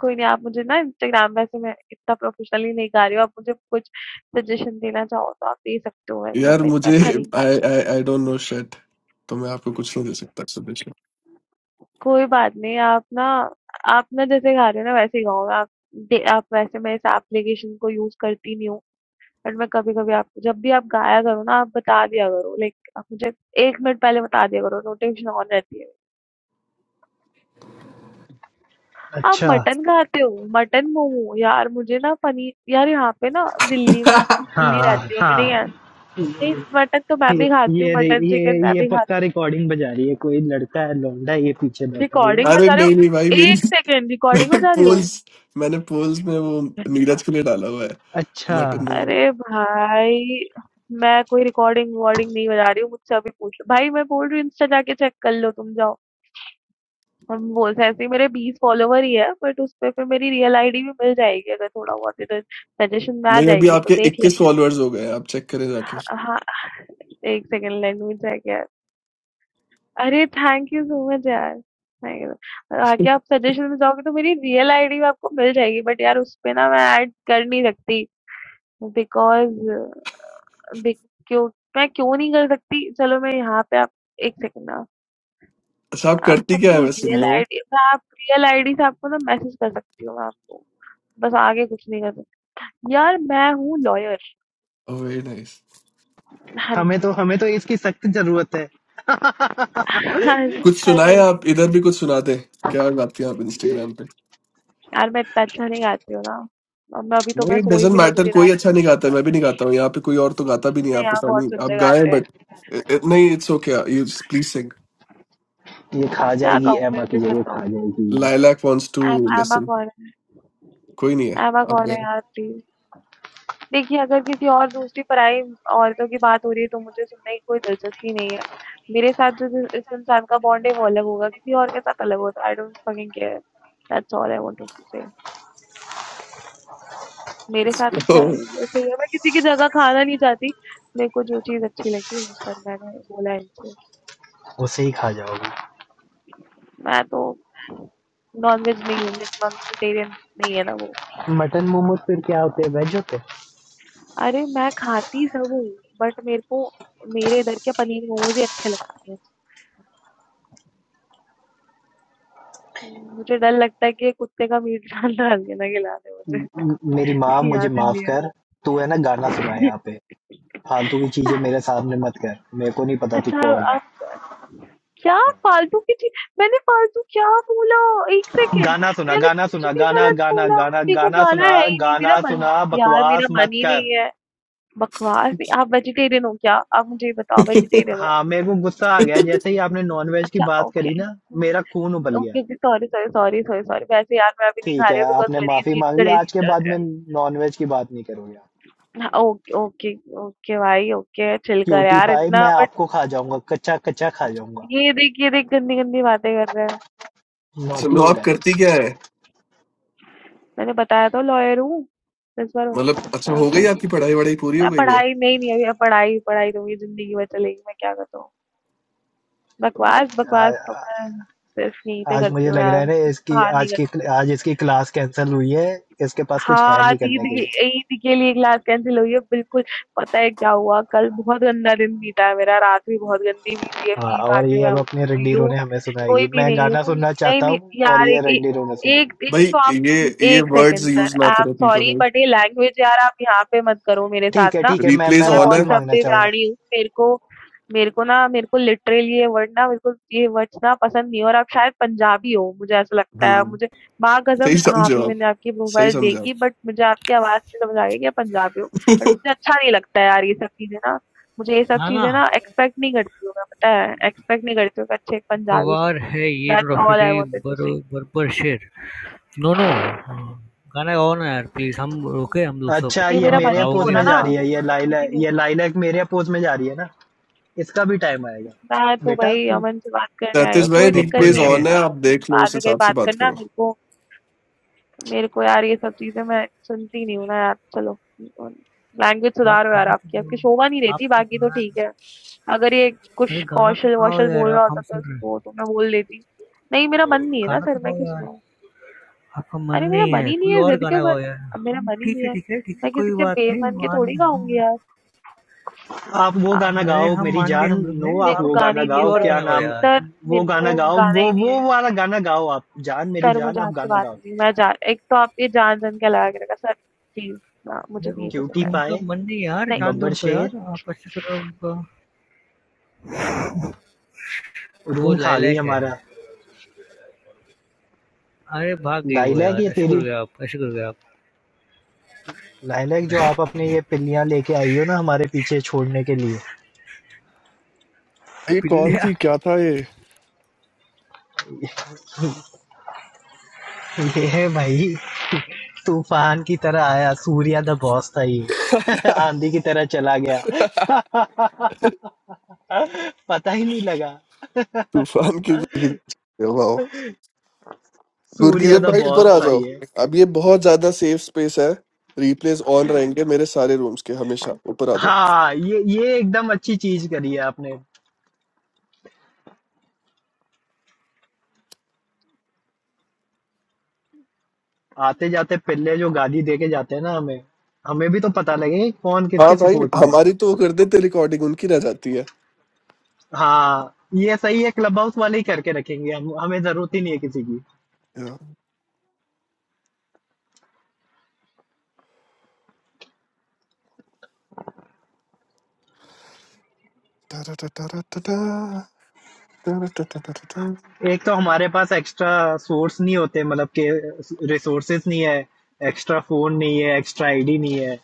[SPEAKER 4] कोई नहीं, आप मुझे ना इंस्टाग्राम वैसे मैं इतना प्रोफ़ेशनली नहीं गा रही हूँ, आप मुझे कुछ सजेशन देना चाहो तो आप दे सकते हो, मतलब
[SPEAKER 1] यार
[SPEAKER 4] मैं इतना
[SPEAKER 1] मुझे
[SPEAKER 4] अच्छा नहीं
[SPEAKER 1] आई
[SPEAKER 4] गाती हूँ।
[SPEAKER 1] I I don't know shit तो मैं आपको कुछ नहीं दे सकता सजेशन
[SPEAKER 4] कोई बात नहीं, आप ना आप ना जैसे गा रहे हो ना वैसे ही गाओ, आप दे आप वैसे मैं इस एप्लीकेशन को यूज़ करती नहीं हूँ, बट मैं कभी-कभी आपको जब भी आप गाया करो ना, आप बता दिया करो, लाइक आप मुझे 1 मिनट पहले बता दिया करो, नोटिफ़िकेशन ऑन रहती है। आप
[SPEAKER 2] अच्छा
[SPEAKER 4] मटन खाते हो? मटन मोमो यार मुझे ना पनीर यार यहाँ पे ना दिल्ली में दिल्ली
[SPEAKER 2] हाँ
[SPEAKER 4] रहती हूँ मैंने
[SPEAKER 2] हाँ
[SPEAKER 4] नहीं,
[SPEAKER 2] ये
[SPEAKER 4] मटन तो मैं भी खाती हूँ
[SPEAKER 2] ये रे-
[SPEAKER 4] मटन
[SPEAKER 2] ये
[SPEAKER 4] चिकन मैं
[SPEAKER 2] ये
[SPEAKER 4] भी
[SPEAKER 2] पक्का
[SPEAKER 4] खाती हूँ
[SPEAKER 2] रिकॉर्डिंग बजा रही है कोई लड़का है लौंडा है, ये पीछे बैठा हुआ है।
[SPEAKER 4] रिकॉर्डिंग
[SPEAKER 1] अरे
[SPEAKER 4] बजा रही हो
[SPEAKER 1] नहीं नहीं भाई मेरी
[SPEAKER 4] एक सेकेंड रिकॉर्डिंग
[SPEAKER 1] मैंने
[SPEAKER 4] बजा रही हो
[SPEAKER 1] पोल्स मैंने पोल्स में वो नीरज के लिए डाला हुआ है मटन
[SPEAKER 2] अच्छा
[SPEAKER 1] वो
[SPEAKER 4] अरे भाई मैं कोई रिकॉर्डिंग वॉर्डिंग नहीं बजा रही हूँ मुझसे अभी पूछ लो भाई मैं बोल रही हूँ इंस्टा जाके चेक कर लो तुम जाओ हम वो ऐसे ही मेरे बीस फॉलोवर ही है बट उस पे फिर मेरी रियल आईडी भी मिल जाएगी अगर थोड़ा बहुत इधर सजेशन में आ
[SPEAKER 1] नहीं अभी
[SPEAKER 4] जाएगी तो
[SPEAKER 1] आपके
[SPEAKER 4] देख ले
[SPEAKER 1] 21 फॉलोअर्स हो गए हैं, आप चेक करें जाके
[SPEAKER 4] हाँ एक सेकेंड लेट मी चेक अरे थैंक यू सो मच यार Thank you. और आगे आप सजेशन में जाओगे तो मेरी रियल आईडी आपको मिल जाएगी बट यार उस पे ना मैं ऐड कर नहीं सकती बिकॉज क्यों मैं क्यों नहीं कर सकती चलो मैं यहाँ पे आप एक सेकंड ना
[SPEAKER 1] अच्छा आप करती
[SPEAKER 4] आपको
[SPEAKER 1] क्या है
[SPEAKER 4] अपनी
[SPEAKER 1] वैसे
[SPEAKER 4] रियल
[SPEAKER 1] नो
[SPEAKER 4] आईडी मैं आप रियल आईडी से आपको ना मैसेज कर सकती हूँ मैं आपको बस आगे कुछ नहीं कर सकती यार मैं हूँ लॉयर
[SPEAKER 1] वेरी नाइस
[SPEAKER 4] हाँ
[SPEAKER 2] हमें
[SPEAKER 4] जी
[SPEAKER 2] तो हमें तो इसकी सख्त जरूरत है
[SPEAKER 4] हाँ जी
[SPEAKER 1] कुछ
[SPEAKER 4] हाँ
[SPEAKER 1] सुनाए
[SPEAKER 4] जी।
[SPEAKER 1] आप इधर भी कुछ सुनाते क्या गाती हैं आप इंस्टाग्राम पे
[SPEAKER 4] यार मैं इतना अच्छा नहीं गाती हूँ ना और मैं अभी तो मैं
[SPEAKER 1] नहीं
[SPEAKER 4] सोई
[SPEAKER 1] डजेंट
[SPEAKER 4] भी नहीं हूँ
[SPEAKER 1] मैटर
[SPEAKER 4] मुझे
[SPEAKER 1] कोई
[SPEAKER 4] रात
[SPEAKER 1] अच्छा नहीं
[SPEAKER 4] को
[SPEAKER 1] गाता है मैं भी नहीं गाता हूँ यहाँ पे कोई और तो गाता भी नहीं है,
[SPEAKER 4] अपने
[SPEAKER 1] आप
[SPEAKER 4] यहाँ
[SPEAKER 1] पता
[SPEAKER 4] बहुत
[SPEAKER 1] नहीं आप
[SPEAKER 4] सुंदर
[SPEAKER 1] गाएं
[SPEAKER 4] गाते हैं
[SPEAKER 1] बट नहीं it's okay you please sing.
[SPEAKER 2] ये खा
[SPEAKER 4] क्या
[SPEAKER 2] जाएगी
[SPEAKER 4] गाऊँ मैं
[SPEAKER 2] एमा की
[SPEAKER 4] अभी
[SPEAKER 2] जगह
[SPEAKER 4] बताओ
[SPEAKER 2] खा जाएगी ये
[SPEAKER 1] lilac wants to
[SPEAKER 4] M Emma
[SPEAKER 1] listen
[SPEAKER 4] कौन है
[SPEAKER 1] कोई नहीं है
[SPEAKER 4] एमा
[SPEAKER 1] आप
[SPEAKER 4] कौन
[SPEAKER 1] गए
[SPEAKER 4] है यार प्लीज देखिए अगर किसी और दूसरी पराई औरतों की बात हो रही है तो मुझे सुनने की कोई दिलचस्पी नहीं है मेरे साथ जो जिस- इस इंसान का बॉन्ड है वो अलग होगा किसी और के साथ अलग होगा I don't fucking care that's all I want to say मेरे
[SPEAKER 1] It's-
[SPEAKER 4] साथ अच्छा है सही है मैं किसी की जगह खाना नहीं चाहती मेरे को जो चीज अच्छी लगी वो सर मैंने बोला है इनसे
[SPEAKER 2] उसे ही खा जाओगी
[SPEAKER 4] मैं तो नॉनवेज नहीं हूँ लाइक नॉन वेजिटेरियन नहीं है ना वो
[SPEAKER 2] मटन मोमोज फिर क्या होते हैं वेज होते हैं?
[SPEAKER 4] अरे मैं खाती सब हूँ बट मेरे को मेरे इधर के पनीर मोमोज ही अच्छे लगते हैं हम्म, मुझे डर लगता है कि ये कुत्ते का मीट डाल डाल के ना खिला दे मुझे
[SPEAKER 2] म- मेरी माँ मुझे
[SPEAKER 4] याद
[SPEAKER 2] माफ
[SPEAKER 4] लिया
[SPEAKER 2] कर तू है ना गाना सुना
[SPEAKER 4] है।
[SPEAKER 2] यहाँ पे फालतू की चीजें मेरे सामने मत कर मेरे को नहीं पता तू
[SPEAKER 4] अच्छा
[SPEAKER 2] कौन है
[SPEAKER 4] आप क्या फालतू की चीज मैंने फालतू क्या बोला एक सेकेंड
[SPEAKER 2] गाना सुना
[SPEAKER 4] मैंने
[SPEAKER 2] गाना
[SPEAKER 4] कुछ
[SPEAKER 2] सुना
[SPEAKER 4] भी
[SPEAKER 2] गाना
[SPEAKER 4] गलत
[SPEAKER 2] गाना
[SPEAKER 4] बोला
[SPEAKER 2] गाना
[SPEAKER 4] मेरे को
[SPEAKER 2] गाना
[SPEAKER 4] गाना
[SPEAKER 2] सुना
[SPEAKER 4] है ही नहीं मेरा
[SPEAKER 2] गाना
[SPEAKER 4] मन
[SPEAKER 2] सुना
[SPEAKER 4] यार
[SPEAKER 2] बकवास
[SPEAKER 4] मेरा मन
[SPEAKER 2] मत
[SPEAKER 4] ही
[SPEAKER 2] कर
[SPEAKER 4] नहीं है बकवास नहीं आप वेजिटेरियन हो क्या आप मुझे ये बताओ वेजिटेरियन हो
[SPEAKER 2] हाँ मेरे को गुस्सा आ गया जैसे ही आपने नॉनवेज की
[SPEAKER 4] अच्छा
[SPEAKER 2] बात करी ना
[SPEAKER 4] ओके
[SPEAKER 2] मेरा खून उबल
[SPEAKER 4] ओके,
[SPEAKER 2] गया
[SPEAKER 4] okay, sorry, sorry, sorry, sorry, sorry. वैसे यार मैं अभी नहीं खा
[SPEAKER 2] ठीक है
[SPEAKER 4] रही हूँ बिकॉज़
[SPEAKER 2] आपने
[SPEAKER 4] गणेश
[SPEAKER 2] माफी
[SPEAKER 4] जी
[SPEAKER 2] मांग ली
[SPEAKER 4] गणेश
[SPEAKER 2] आज
[SPEAKER 4] जी
[SPEAKER 2] के
[SPEAKER 4] चल
[SPEAKER 2] बाद
[SPEAKER 4] रहे
[SPEAKER 2] मैं
[SPEAKER 4] हैं।
[SPEAKER 2] नॉनवेज की बात नहीं करूंगा
[SPEAKER 4] हाँ, ओके, ओके, ओके भाई ओके, चिल कर
[SPEAKER 2] क्यूटी
[SPEAKER 4] यार
[SPEAKER 2] पाई
[SPEAKER 4] इतना
[SPEAKER 2] मैं
[SPEAKER 4] बट
[SPEAKER 2] आपको खा जाऊंगा कच्चा कच्चा खा जाऊंगा
[SPEAKER 4] ये देख ये देख गंदी-गंदी बातें कर रहा है।
[SPEAKER 1] अच्छा
[SPEAKER 2] नॉटी
[SPEAKER 1] नो
[SPEAKER 2] हो
[SPEAKER 1] आप
[SPEAKER 2] रहा
[SPEAKER 1] करती क्या है
[SPEAKER 4] मैंने बताया तो लॉयर हूँ। इस बार
[SPEAKER 1] मतलब अच्छा
[SPEAKER 4] क्या
[SPEAKER 1] हो गई आपकी पढ़ाई वढ़ाई पूरी हो
[SPEAKER 4] मैं
[SPEAKER 1] गई है
[SPEAKER 4] पढ़ाई नहीं नहीं अभी अब पढ़ाई पढ़ाई तो मेरी जिंदगी भर चलेगी मैं क्या करता हूँ। बकवास
[SPEAKER 2] है
[SPEAKER 4] बकवास तो
[SPEAKER 2] आ,
[SPEAKER 4] मैं सिर्फ यहीं पे
[SPEAKER 2] आज
[SPEAKER 4] करती
[SPEAKER 2] मुझे
[SPEAKER 4] हूँ
[SPEAKER 2] लग रहा
[SPEAKER 4] यार,
[SPEAKER 2] है ना
[SPEAKER 4] किसी
[SPEAKER 2] इसकी
[SPEAKER 4] बाहर नहीं
[SPEAKER 2] आज की
[SPEAKER 4] करती।
[SPEAKER 2] आज इसकी क्लास कैंसिल हुई है इसके पास कुछ
[SPEAKER 4] हाँ,
[SPEAKER 2] है
[SPEAKER 4] आज
[SPEAKER 2] नहीं
[SPEAKER 4] ईद
[SPEAKER 2] करने के
[SPEAKER 4] की
[SPEAKER 2] लिए
[SPEAKER 4] ईद के लिए क्लास कैंसल हुई है, बिल्कुल। पता है क्या हुआ, कल बहुत गंदा दिन बीता है मेरा, रात भी बहुत गंदी बीती है,
[SPEAKER 2] हाँ
[SPEAKER 4] पी-पा
[SPEAKER 2] और
[SPEAKER 4] के
[SPEAKER 2] ये
[SPEAKER 4] मैं
[SPEAKER 2] अब अपने
[SPEAKER 4] सो गई
[SPEAKER 2] रंडीरों
[SPEAKER 4] हूँ।
[SPEAKER 2] ने हमें
[SPEAKER 4] सोई
[SPEAKER 2] सुनाएगी
[SPEAKER 4] भी
[SPEAKER 2] मैं
[SPEAKER 4] नहीं
[SPEAKER 2] गाना
[SPEAKER 4] हूँ।
[SPEAKER 2] सुनना
[SPEAKER 4] नहीं,
[SPEAKER 2] चाहता
[SPEAKER 4] नहीं
[SPEAKER 2] हूँ और
[SPEAKER 4] यार
[SPEAKER 2] ये
[SPEAKER 4] एक ए
[SPEAKER 2] रंडीरों ने सुनाएगी
[SPEAKER 4] एक एक
[SPEAKER 1] भाई
[SPEAKER 4] तो आप
[SPEAKER 1] ये ये
[SPEAKER 4] 1
[SPEAKER 1] वर्ड्स
[SPEAKER 4] सेकंड सर,
[SPEAKER 1] यूज ना
[SPEAKER 4] आई एम
[SPEAKER 1] करो
[SPEAKER 4] सॉरी
[SPEAKER 1] पीपल
[SPEAKER 4] बट ये लैंग्वेज यार आप यहाँ पे मत करो मेरे साथ
[SPEAKER 2] ठीक है
[SPEAKER 4] ना।
[SPEAKER 2] ठीक है मैं
[SPEAKER 1] रिप्लेस
[SPEAKER 2] मैं
[SPEAKER 4] मैं
[SPEAKER 1] ऑन है
[SPEAKER 4] बहुत
[SPEAKER 2] माफी मांगना
[SPEAKER 4] सभ्य
[SPEAKER 2] चाहूंगा
[SPEAKER 4] प्राणी हूँ। मेरे को मेरे को ना मेरे को लिटरली ये वर्ड ना मेरे को ये वर्ड्स ना पसंद नहीं है और आप शायद पंजाबी हो, मुझे ऐसा लगता है।
[SPEAKER 1] हम्म
[SPEAKER 4] मुझे माँ
[SPEAKER 1] सही
[SPEAKER 4] कसम हाँ,
[SPEAKER 1] समझे
[SPEAKER 4] अभी
[SPEAKER 1] आप
[SPEAKER 4] मैंने आपकी
[SPEAKER 1] सही
[SPEAKER 4] प्रोफाइल
[SPEAKER 1] समझे आप
[SPEAKER 4] देखी बट मुझे आपकी आवाज़ से समझ आ गया कि आप पंजाबी हो। बट मुझे अच्छा नहीं लगता है यार ये सब चीज़ें ना मुझे ये सब
[SPEAKER 3] ना ना
[SPEAKER 4] चीज़ें ना एक्सपेक्ट नहीं करती हूँ मैं, पता है? एक्सपेक्ट नहीं करती हूँ कि अच्छे एक पंजाबी से
[SPEAKER 3] गवार है ये
[SPEAKER 4] दैट्स ऑल आई
[SPEAKER 3] डॉक्टरी
[SPEAKER 4] वांटेड टू
[SPEAKER 3] बर
[SPEAKER 4] से।
[SPEAKER 3] बरबर शेर नो नो गाना गाओ ना यार प्लीज़ हम रुके हम लोग सब
[SPEAKER 2] अच्छा
[SPEAKER 4] नहीं
[SPEAKER 2] ये
[SPEAKER 4] मेरा
[SPEAKER 3] आप
[SPEAKER 4] मन
[SPEAKER 2] मेरे
[SPEAKER 4] ही नहीं हो
[SPEAKER 2] अपोज
[SPEAKER 3] गाओगे
[SPEAKER 4] रहा
[SPEAKER 2] में
[SPEAKER 4] ना,
[SPEAKER 2] जा
[SPEAKER 3] हमको
[SPEAKER 2] रही है ये
[SPEAKER 4] मन
[SPEAKER 2] लाइला
[SPEAKER 4] ही नहीं हो
[SPEAKER 2] ये लाइलैक मेरे अपोज में जा रही है ना इसका भी टाइम आएगा
[SPEAKER 4] रहा। मैं तो
[SPEAKER 2] बेटा
[SPEAKER 4] भाई
[SPEAKER 2] तू
[SPEAKER 4] अमन से बात करने आई हूँ,
[SPEAKER 1] सतीश भाई
[SPEAKER 4] कोई दिक्कत
[SPEAKER 3] बब्बर
[SPEAKER 1] रिप्लेस
[SPEAKER 4] नहीं है
[SPEAKER 1] ऑन
[SPEAKER 4] अमन
[SPEAKER 1] है
[SPEAKER 3] शेर
[SPEAKER 4] आप
[SPEAKER 1] आप देख लो
[SPEAKER 4] बाद
[SPEAKER 1] उस
[SPEAKER 4] में कहीं
[SPEAKER 1] हिसाब से
[SPEAKER 4] बात
[SPEAKER 1] बात
[SPEAKER 4] करना
[SPEAKER 1] करो
[SPEAKER 4] मेरे को मेरे को यार ये सब चीज़ें मैं सुनती नहीं हूँ ना यार, चलो लैंग्वेज
[SPEAKER 3] आप
[SPEAKER 4] सुधारो यार
[SPEAKER 3] गाना तो
[SPEAKER 4] आपकी, आपकी
[SPEAKER 3] गाओ,
[SPEAKER 4] शोभा नहीं रहती
[SPEAKER 3] आप तो
[SPEAKER 4] बाकी तो
[SPEAKER 3] गाना
[SPEAKER 4] ठीक है। अगर ये कुछ
[SPEAKER 3] अरे गाना तो गाओ
[SPEAKER 4] कौशल-वौशल
[SPEAKER 3] यार
[SPEAKER 4] बोल
[SPEAKER 3] आप
[SPEAKER 4] रहा होता
[SPEAKER 3] हम
[SPEAKER 4] तो
[SPEAKER 3] सुन रहे
[SPEAKER 4] उसको
[SPEAKER 3] हैं
[SPEAKER 4] तो मैं बोल देती। नहीं मेरा मन नहीं है ना
[SPEAKER 3] गाना
[SPEAKER 4] सर
[SPEAKER 3] तो
[SPEAKER 4] मैं
[SPEAKER 3] गाओ
[SPEAKER 4] क्यों
[SPEAKER 3] यार
[SPEAKER 4] सुनाऊँ?
[SPEAKER 3] आपका मन
[SPEAKER 4] अरे मेरा
[SPEAKER 3] नहीं
[SPEAKER 4] मन
[SPEAKER 3] है
[SPEAKER 4] ही नहीं
[SPEAKER 3] कोई
[SPEAKER 4] है,
[SPEAKER 3] और
[SPEAKER 4] ज़िद क्यों
[SPEAKER 3] गाना
[SPEAKER 4] कर
[SPEAKER 3] गाओ यार
[SPEAKER 4] अब मेरा
[SPEAKER 3] हम
[SPEAKER 4] मन ही
[SPEAKER 3] ठीक
[SPEAKER 4] नहीं
[SPEAKER 3] है
[SPEAKER 4] है,
[SPEAKER 3] ठीक है ठीक है
[SPEAKER 4] मैं किसी
[SPEAKER 3] कोई
[SPEAKER 4] के
[SPEAKER 3] बात नहीं
[SPEAKER 4] बेमन के
[SPEAKER 3] मान
[SPEAKER 4] थोड़ी खाऊँगी
[SPEAKER 3] हम
[SPEAKER 4] यार।
[SPEAKER 2] आप वो गाना
[SPEAKER 3] अरे
[SPEAKER 2] गाओ
[SPEAKER 3] हम
[SPEAKER 2] मेरी
[SPEAKER 3] मान लिए
[SPEAKER 2] जान
[SPEAKER 3] हम लोग
[SPEAKER 2] नो
[SPEAKER 3] ने
[SPEAKER 4] मेरे
[SPEAKER 2] आप
[SPEAKER 4] को
[SPEAKER 2] वो
[SPEAKER 3] आप आप
[SPEAKER 4] गाने
[SPEAKER 2] गाना
[SPEAKER 4] ही नहीं
[SPEAKER 3] कोई
[SPEAKER 4] है
[SPEAKER 2] गाओ
[SPEAKER 3] और
[SPEAKER 4] सर।
[SPEAKER 2] क्या
[SPEAKER 3] गाना गाओ
[SPEAKER 2] नाम
[SPEAKER 3] यार
[SPEAKER 4] सर
[SPEAKER 2] वो
[SPEAKER 4] मेरे
[SPEAKER 2] गाना
[SPEAKER 4] को
[SPEAKER 2] गाओ
[SPEAKER 4] गाना
[SPEAKER 2] वो
[SPEAKER 4] ही नहीं
[SPEAKER 2] वो
[SPEAKER 4] है।
[SPEAKER 2] वाला गाना गाओ आप जान मेरी
[SPEAKER 4] सर
[SPEAKER 2] जान
[SPEAKER 4] मुझे
[SPEAKER 2] आप
[SPEAKER 4] आपसे
[SPEAKER 2] गाना
[SPEAKER 4] बात
[SPEAKER 2] गाओ
[SPEAKER 4] करनी है। मैं जा एक तो आप ये जान-जान के लगा के रखा है सर प्लीज़ ना मुझे
[SPEAKER 3] अरे
[SPEAKER 4] नहीं
[SPEAKER 3] उ-
[SPEAKER 4] पसंद
[SPEAKER 2] क्यूटी
[SPEAKER 4] है।
[SPEAKER 3] उनका
[SPEAKER 2] पाए
[SPEAKER 3] मन नहीं यार
[SPEAKER 4] नहीं।
[SPEAKER 3] जान दो
[SPEAKER 2] बब्बर
[SPEAKER 3] उनको
[SPEAKER 2] शेर
[SPEAKER 3] यार आप ऐसे करो उनका वो
[SPEAKER 2] रूम खा गई
[SPEAKER 3] लायलाक है
[SPEAKER 2] हमारा
[SPEAKER 3] अरे भाग गई वो
[SPEAKER 2] लाइलैक
[SPEAKER 3] यार
[SPEAKER 2] ये
[SPEAKER 3] ऐसे
[SPEAKER 2] तेरी
[SPEAKER 3] करोगे आप ऐसे करोगे आप
[SPEAKER 2] लाइलैक जो आप अपने ये पिल्लियां लेके आई हो ना हमारे पीछे छोड़ने के लिए
[SPEAKER 1] ये कौन
[SPEAKER 3] पिल्लिया
[SPEAKER 1] थी क्या था ये
[SPEAKER 2] ये है भाई तूफान की तरह आया सूर्या द बॉस था ये आंधी की तरह चला गया पता ही नहीं लगा
[SPEAKER 1] तूफान की वाह
[SPEAKER 2] सूर्या
[SPEAKER 1] गुरकीरत
[SPEAKER 2] द
[SPEAKER 1] भाई
[SPEAKER 2] बॉस
[SPEAKER 1] ऊपर आ जाओ
[SPEAKER 2] था
[SPEAKER 1] अब ये बहुत ज्यादा सेफ स्पेस है रिप्लेस ऑन रहेंगे मेरे सारे रूम्स के हमेशा ऊपर आ जाओ
[SPEAKER 2] हाँ ये ये एकदम अच्छी चीज करी है आपने आते जाते पिल्ले जो गाली दे के जाते हैं ना हमें हमें भी तो पता लगे कि कौन
[SPEAKER 1] हाँ
[SPEAKER 2] किसके
[SPEAKER 1] भाई
[SPEAKER 2] सपोर्ट में है
[SPEAKER 1] हमारी तो वो कर देते रिकॉर्डिंग उनकी रह जाती है
[SPEAKER 2] हाँ ये सही है क्लब हाउस वाले ही करके रखेंगे हम हमें जरूरत ही नहीं है किसी की एक तो हमारे पास एक्स्ट्रा सोर्स नहीं होते मतलब के रिसोर्सेस नहीं है एक्स्ट्रा फोन नहीं है एक्स्ट्रा आईडी नहीं है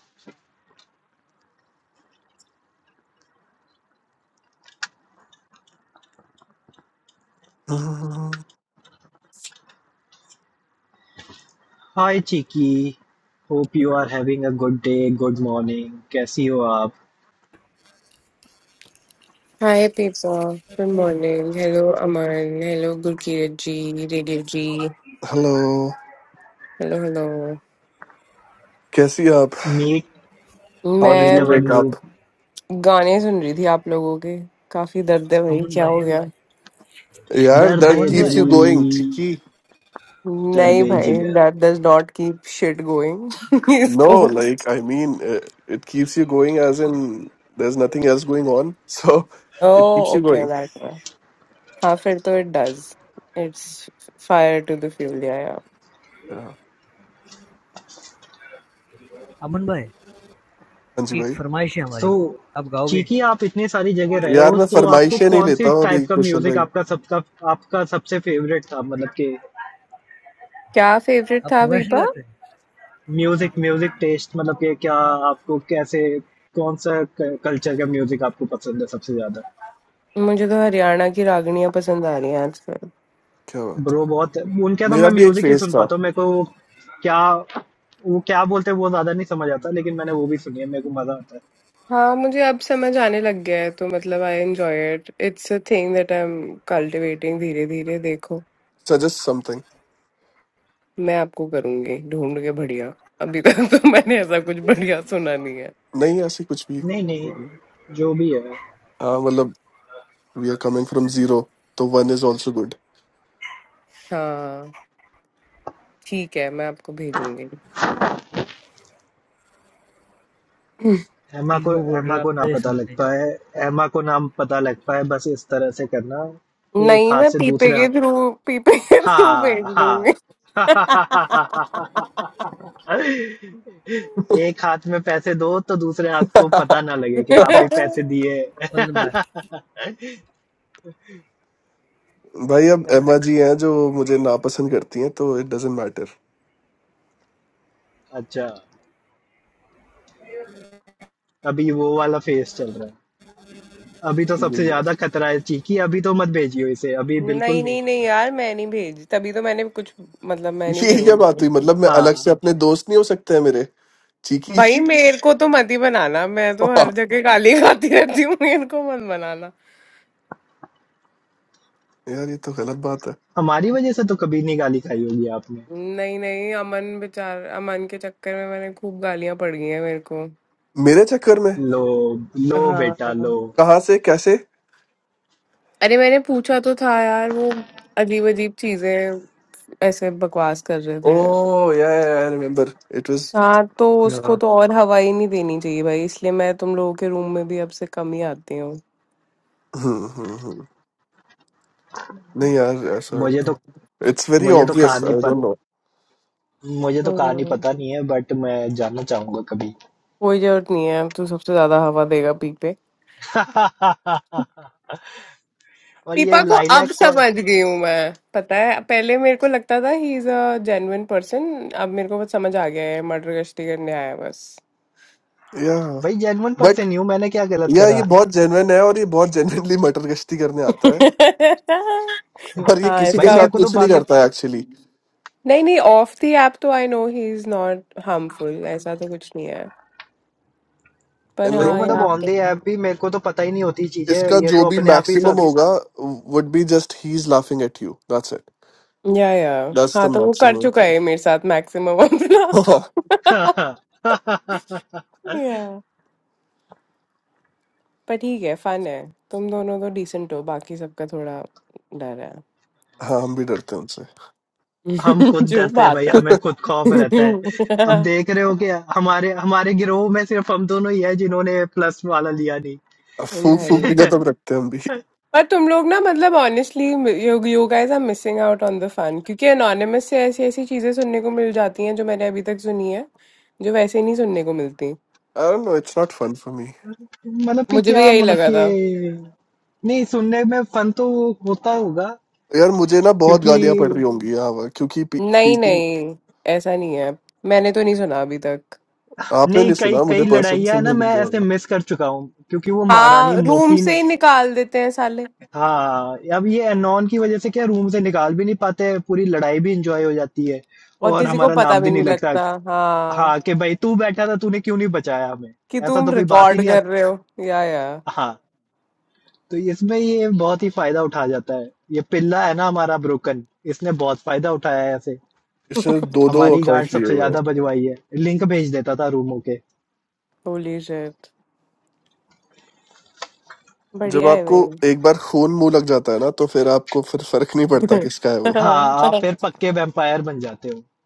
[SPEAKER 2] hi Chiki hope you are having a good day good morning कैसी हो आप
[SPEAKER 5] हाय पीपा फिल्मोर्निंग हेलो अमन हेलो गुड किरदार जी रेडियल जी
[SPEAKER 1] हेलो
[SPEAKER 5] हेलो हेलो
[SPEAKER 1] कैसी हैं आप
[SPEAKER 2] meet
[SPEAKER 1] how did
[SPEAKER 2] meet
[SPEAKER 1] you
[SPEAKER 5] मैं
[SPEAKER 2] अवर
[SPEAKER 1] वेक
[SPEAKER 2] न्यू
[SPEAKER 1] अप
[SPEAKER 5] गाने सुन रही थी आप लोगों के काफी दर्द है भाई
[SPEAKER 3] अमन
[SPEAKER 5] क्या हो
[SPEAKER 3] भाई
[SPEAKER 5] गया
[SPEAKER 1] यार
[SPEAKER 2] दर्द
[SPEAKER 1] दैट
[SPEAKER 3] अमन भाई
[SPEAKER 1] कीप्स यू गोइंग
[SPEAKER 2] दिल
[SPEAKER 1] चिकी
[SPEAKER 5] नहीं
[SPEAKER 2] दर्द-ए
[SPEAKER 5] भाई
[SPEAKER 2] जिगर।
[SPEAKER 5] दैट दज डॉट की शिट गोइंग
[SPEAKER 1] No,
[SPEAKER 5] इसको
[SPEAKER 1] like I mean, uh, it keeps you going as in there's nothing else going on, so it keeps
[SPEAKER 5] oh
[SPEAKER 1] you
[SPEAKER 5] okay
[SPEAKER 1] going.
[SPEAKER 5] That में half it तो it does it's fire तू the favourite यार
[SPEAKER 1] Yeah.
[SPEAKER 3] Aman भाई
[SPEAKER 1] हाँ जी
[SPEAKER 3] एक
[SPEAKER 1] भाई।
[SPEAKER 3] फरमाइश है
[SPEAKER 2] सो
[SPEAKER 3] हमारी आप गाओगे
[SPEAKER 2] चीकी आप इतनी सारी जगह रहे
[SPEAKER 1] यार
[SPEAKER 2] हो
[SPEAKER 1] मैं
[SPEAKER 2] तो आपको
[SPEAKER 1] फरमाइशें नहीं
[SPEAKER 2] कौन-सी
[SPEAKER 1] लेता हूँ अभी
[SPEAKER 2] टाइप का
[SPEAKER 1] कुशल
[SPEAKER 2] म्यूज़िक
[SPEAKER 1] भाई
[SPEAKER 2] आपका सबका आपका सबसे फ़ेवरेट था? मतलब कि
[SPEAKER 5] क्या
[SPEAKER 3] आप फरमाइश
[SPEAKER 5] फेवरिट
[SPEAKER 3] नहीं गाते
[SPEAKER 2] म्यूज़िक म्यूज़िक टेस्ट मतलब कि क्या आपको कैसे कौन-सा क कल्चर का म्यूज़िक आपको पसंद है सबसे ज़्यादा?
[SPEAKER 1] क्या बात है
[SPEAKER 2] ब्रो बहुत उनका तो
[SPEAKER 1] मेरा
[SPEAKER 2] मैं
[SPEAKER 1] भी एक
[SPEAKER 2] म्यूज़िक ही
[SPEAKER 1] फेज
[SPEAKER 2] सुन
[SPEAKER 1] था
[SPEAKER 2] पाता हूँ। मेरे को वो क्या वो क्या बोलते हैं वो ज़्यादा नहीं समझ आता लेकिन मैंने वो भी सुनी है, मेरे को मज़ा आता है।
[SPEAKER 5] हाँ मुझे अब समझ आने लग गया है तो मतलब I enjoy it it's a thing that I am cultivating धीरे धीरे देखो
[SPEAKER 1] सजेस्ट समथिंग
[SPEAKER 5] मैं आपको करूंगी ढूंढ के बढ़िया अभी तक
[SPEAKER 1] हाँ
[SPEAKER 5] तो मैंने ऐसा कुछ बढ़िया सुना नहीं है
[SPEAKER 1] नहीं ऐसी कुछ भी
[SPEAKER 2] नहीं, नहीं, जो भी है।
[SPEAKER 1] हाँ मतलब we are coming from zero तो वन इज ऑल्सो गुड
[SPEAKER 5] हाँ ठीक है मैं आपको भेजूंगी
[SPEAKER 2] एमा
[SPEAKER 3] ठीक
[SPEAKER 2] को
[SPEAKER 3] को बोल रहे
[SPEAKER 2] एमा
[SPEAKER 3] हैं
[SPEAKER 2] को ना
[SPEAKER 3] आपसे
[SPEAKER 2] पता लग
[SPEAKER 3] समथिंग
[SPEAKER 2] पाए एमा को नाम पता लग पाए बस इस तरह से करना एक
[SPEAKER 5] नहीं
[SPEAKER 2] हाथ
[SPEAKER 5] मैं
[SPEAKER 2] से
[SPEAKER 5] पीपे
[SPEAKER 2] दूसरे
[SPEAKER 5] के
[SPEAKER 2] हाथ
[SPEAKER 5] थ्रू पीपे के थ्रू भेज
[SPEAKER 2] हाँ हाँ
[SPEAKER 5] दूंगी
[SPEAKER 2] एक हाथ में पैसे दो तो दूसरे हाथ को पता ना लगे कि हाँ भाई
[SPEAKER 1] भाई
[SPEAKER 2] पैसे दिए
[SPEAKER 3] Welcome back.
[SPEAKER 1] अब
[SPEAKER 5] नहीं
[SPEAKER 1] एमा जी हैं जो मुझे नापसंद करती हैं तो इट डजेंट मैटर
[SPEAKER 2] अच्छा अभी वो वाला फेस चल रहा है अभी तो
[SPEAKER 1] ये
[SPEAKER 2] सबसे
[SPEAKER 1] भी है।
[SPEAKER 2] ज्यादा खतरा है चीकी अभी तो मत भेजियो इसे अभी बिल्कुल
[SPEAKER 5] नहीं
[SPEAKER 2] नहीं
[SPEAKER 5] नहीं नहीं यार मैं नहीं भेजी तभी तो मैंने कुछ मतलब मैं नहीं
[SPEAKER 1] ये क्या बात
[SPEAKER 5] करूंगी
[SPEAKER 1] हुई मतलब मैं अलग
[SPEAKER 2] हाँ
[SPEAKER 1] से अपने दोस्त नहीं हो सकते हैं मेरे चीकी
[SPEAKER 5] भाई मेरे को तो मत ही बनाना मैं तो हर
[SPEAKER 1] यार
[SPEAKER 5] जगह गाली खाती रहती हूँ इनको मत बनाना
[SPEAKER 1] ये तो गलत बात है
[SPEAKER 2] हमारी वजह से तो कभी नहीं गाली खाई होगी आपने
[SPEAKER 5] नहीं नहीं अमन बेचार अमन के चक्कर में मैंने खूब गालियां पड़ गई हैं मेरे को
[SPEAKER 1] मेरे चक्कर में
[SPEAKER 2] लो लो बेटा
[SPEAKER 5] हाँ
[SPEAKER 2] लो
[SPEAKER 1] कहाँ से कैसे
[SPEAKER 5] अरे मैंने पूछा तो था यार वो अजीब अजीब चीजें ऐसे बकवास कर रहे
[SPEAKER 1] ओ
[SPEAKER 5] थे
[SPEAKER 1] या आई रिमेम्बर इट वाज
[SPEAKER 5] हाँ तो उसको तो और हवा ही नहीं देनी चाहिए भाई इसलिए मैं तुम लोगों के रूम में भी अब से कम ही आती हूँ
[SPEAKER 1] नहीं यार ऐसा
[SPEAKER 2] मुझे
[SPEAKER 1] तो
[SPEAKER 2] तो
[SPEAKER 1] इट्स वेरी
[SPEAKER 2] मुझे तो
[SPEAKER 1] ऑब्वियस
[SPEAKER 2] कहानी
[SPEAKER 1] आई
[SPEAKER 2] पत
[SPEAKER 1] डोंट नो
[SPEAKER 2] मुझे तो कहानी
[SPEAKER 5] हम्म,
[SPEAKER 2] पता नहीं है बट मैं जानना चाहूंगा कभी
[SPEAKER 5] कोई जरूरत नहीं है तू सबसे ज्यादा हवा देगा पीपे
[SPEAKER 2] और ये
[SPEAKER 5] पीपा को अब
[SPEAKER 2] लाइलैक को
[SPEAKER 5] समझ गई हूँ मैं पता है पहले मेरे को लगता था he is a genuine person अब मेरे को बस समझ आ गया है मर्डर गश्ती करने आया है बस
[SPEAKER 1] या
[SPEAKER 2] भाई जेन्युइन
[SPEAKER 1] बट
[SPEAKER 2] पर्सन ही हूँ मैंने क्या गलत
[SPEAKER 1] या ये
[SPEAKER 2] करा
[SPEAKER 1] बहुत जेन्युइन है और ये बहुत जेन्युइनली मटर गश्ती करने आता है और ये
[SPEAKER 5] हाँ
[SPEAKER 1] किसी
[SPEAKER 2] भाई
[SPEAKER 1] के
[SPEAKER 5] इसका
[SPEAKER 1] साथ
[SPEAKER 2] मेरे को तो
[SPEAKER 1] कुछ नहीं
[SPEAKER 2] बातें
[SPEAKER 1] करता है एक्चुअली
[SPEAKER 5] नहीं नहीं ऑफ द ऐप तो I know he is not harmful ऐसा तो कुछ नहीं है पर
[SPEAKER 1] एंड
[SPEAKER 2] ब्रो
[SPEAKER 5] हाँ
[SPEAKER 2] मतलब
[SPEAKER 5] यहाँ
[SPEAKER 1] like
[SPEAKER 2] on the
[SPEAKER 5] pay
[SPEAKER 2] app भी मेरे को तो पता ही नहीं होती चीजें
[SPEAKER 1] इसका
[SPEAKER 2] ये
[SPEAKER 1] जो
[SPEAKER 2] तो
[SPEAKER 1] भी
[SPEAKER 2] अपने आप ही
[SPEAKER 1] मैक्सिमम
[SPEAKER 2] सब
[SPEAKER 1] होगा would be just he is laughing at you that's it
[SPEAKER 5] या या
[SPEAKER 1] दैट्स
[SPEAKER 5] हाँ
[SPEAKER 1] द
[SPEAKER 5] तो वो कर
[SPEAKER 1] मैक्सिमम
[SPEAKER 5] चुका है मेरे साथ मैक्सिमम अपना
[SPEAKER 1] हाँ
[SPEAKER 5] या पर ठीक है फन है तुम दोनों तो डिसेंट हो बाकी सबका थोड़ा डर है
[SPEAKER 1] हम भी डरते हैं उनसे
[SPEAKER 2] हम खुद
[SPEAKER 5] जो
[SPEAKER 2] डरते हैं भाई
[SPEAKER 5] बात है
[SPEAKER 2] हमें खुद खौफ रहता है अब देख रहे हो क्या हमारे हमारे गिरोह में सिर्फ हम दोनों ही है जिन्होंने प्लस वाला लिया नहीं
[SPEAKER 1] फूक फूक की
[SPEAKER 5] भाई
[SPEAKER 1] कदम रखते हैं हम भी आई
[SPEAKER 5] पर तुम लोग ना मतलब honestly you you guys are missing out on the fun क्योंकि एनोनिमस से ऐसी ऐसी चीजें सुनने को मिल जाती हैं जो मैंने अभी तक सुनी है जो वैसे नहीं सुनने को मिलती
[SPEAKER 1] don't know it's not fun for me
[SPEAKER 2] मतलब कि
[SPEAKER 5] मुझे भी
[SPEAKER 2] क्या
[SPEAKER 5] यही
[SPEAKER 2] मतलब
[SPEAKER 5] लगा
[SPEAKER 2] कि
[SPEAKER 5] था
[SPEAKER 2] नहीं सुनने में फन तो होता होगा
[SPEAKER 1] यार मुझे ना बहुत
[SPEAKER 2] क्योंकि
[SPEAKER 1] गालियां पड़ रही होंगी यहाँ वहाँ, क्योंकि पी, पी,
[SPEAKER 5] नहीं नहीं ऐसा नहीं है मैंने तो नहीं सुना अभी तक
[SPEAKER 1] आपने
[SPEAKER 2] नहीं
[SPEAKER 1] नहीं
[SPEAKER 2] कई
[SPEAKER 1] सुना
[SPEAKER 2] कई
[SPEAKER 1] मुझे पर्सन
[SPEAKER 2] लड़ाइयाँ ना
[SPEAKER 1] सुनने
[SPEAKER 2] मैं
[SPEAKER 1] मिल
[SPEAKER 2] ऐसे
[SPEAKER 1] जाएगा
[SPEAKER 2] मिस कर चुका हूँ क्योंकि वो महारानी
[SPEAKER 5] हाँ रूम
[SPEAKER 2] मोटी
[SPEAKER 5] से
[SPEAKER 2] ने
[SPEAKER 5] ही निकाल देते हैं साले
[SPEAKER 2] हाँ अब ये एनॉन की वजह से क्या रूम से निकाल भी नहीं पाते हैं, पूरी लड़ाई भी इंजॉय हो जाती है
[SPEAKER 5] और
[SPEAKER 2] और
[SPEAKER 5] किसी को
[SPEAKER 2] हमारा
[SPEAKER 5] पता
[SPEAKER 2] नाम
[SPEAKER 5] भी
[SPEAKER 2] भी नहीं
[SPEAKER 5] नहीं
[SPEAKER 2] लगता
[SPEAKER 5] लगता हाँ
[SPEAKER 2] हाँ कि भाई तू बैठा था तूने क्यों नहीं बचाया हमें
[SPEAKER 5] कि
[SPEAKER 2] ऐसा
[SPEAKER 5] तुम
[SPEAKER 2] तो कोई बात ही
[SPEAKER 5] रिकॉर्ड
[SPEAKER 2] नहीं
[SPEAKER 5] कर
[SPEAKER 2] आती
[SPEAKER 5] रहे हो या या
[SPEAKER 2] हाँ तो इसमें ये बहुत ही फायदा उठा जाता है ये पिल्ला है ना हमारा ब्रोकन इसने बहुत फायदा उठाया है ऐसे
[SPEAKER 1] इसने दो दो
[SPEAKER 2] हमारी गांड
[SPEAKER 1] अकाउंट लिए
[SPEAKER 2] सबसे
[SPEAKER 1] हुए
[SPEAKER 2] ज्यादा
[SPEAKER 1] हैं
[SPEAKER 2] बजवाई है लिंक भेज देता था रूमों के
[SPEAKER 5] होली शिट
[SPEAKER 1] जब
[SPEAKER 5] बढ़िया है
[SPEAKER 1] आपको
[SPEAKER 5] भाई
[SPEAKER 1] एक बार खून मुंह लग जाता है ना तो फिर आपको फिर फर्क नहीं पड़ता किसका है वो
[SPEAKER 2] हाँ आप फिर पक्के वेम्पायर बन जाते हो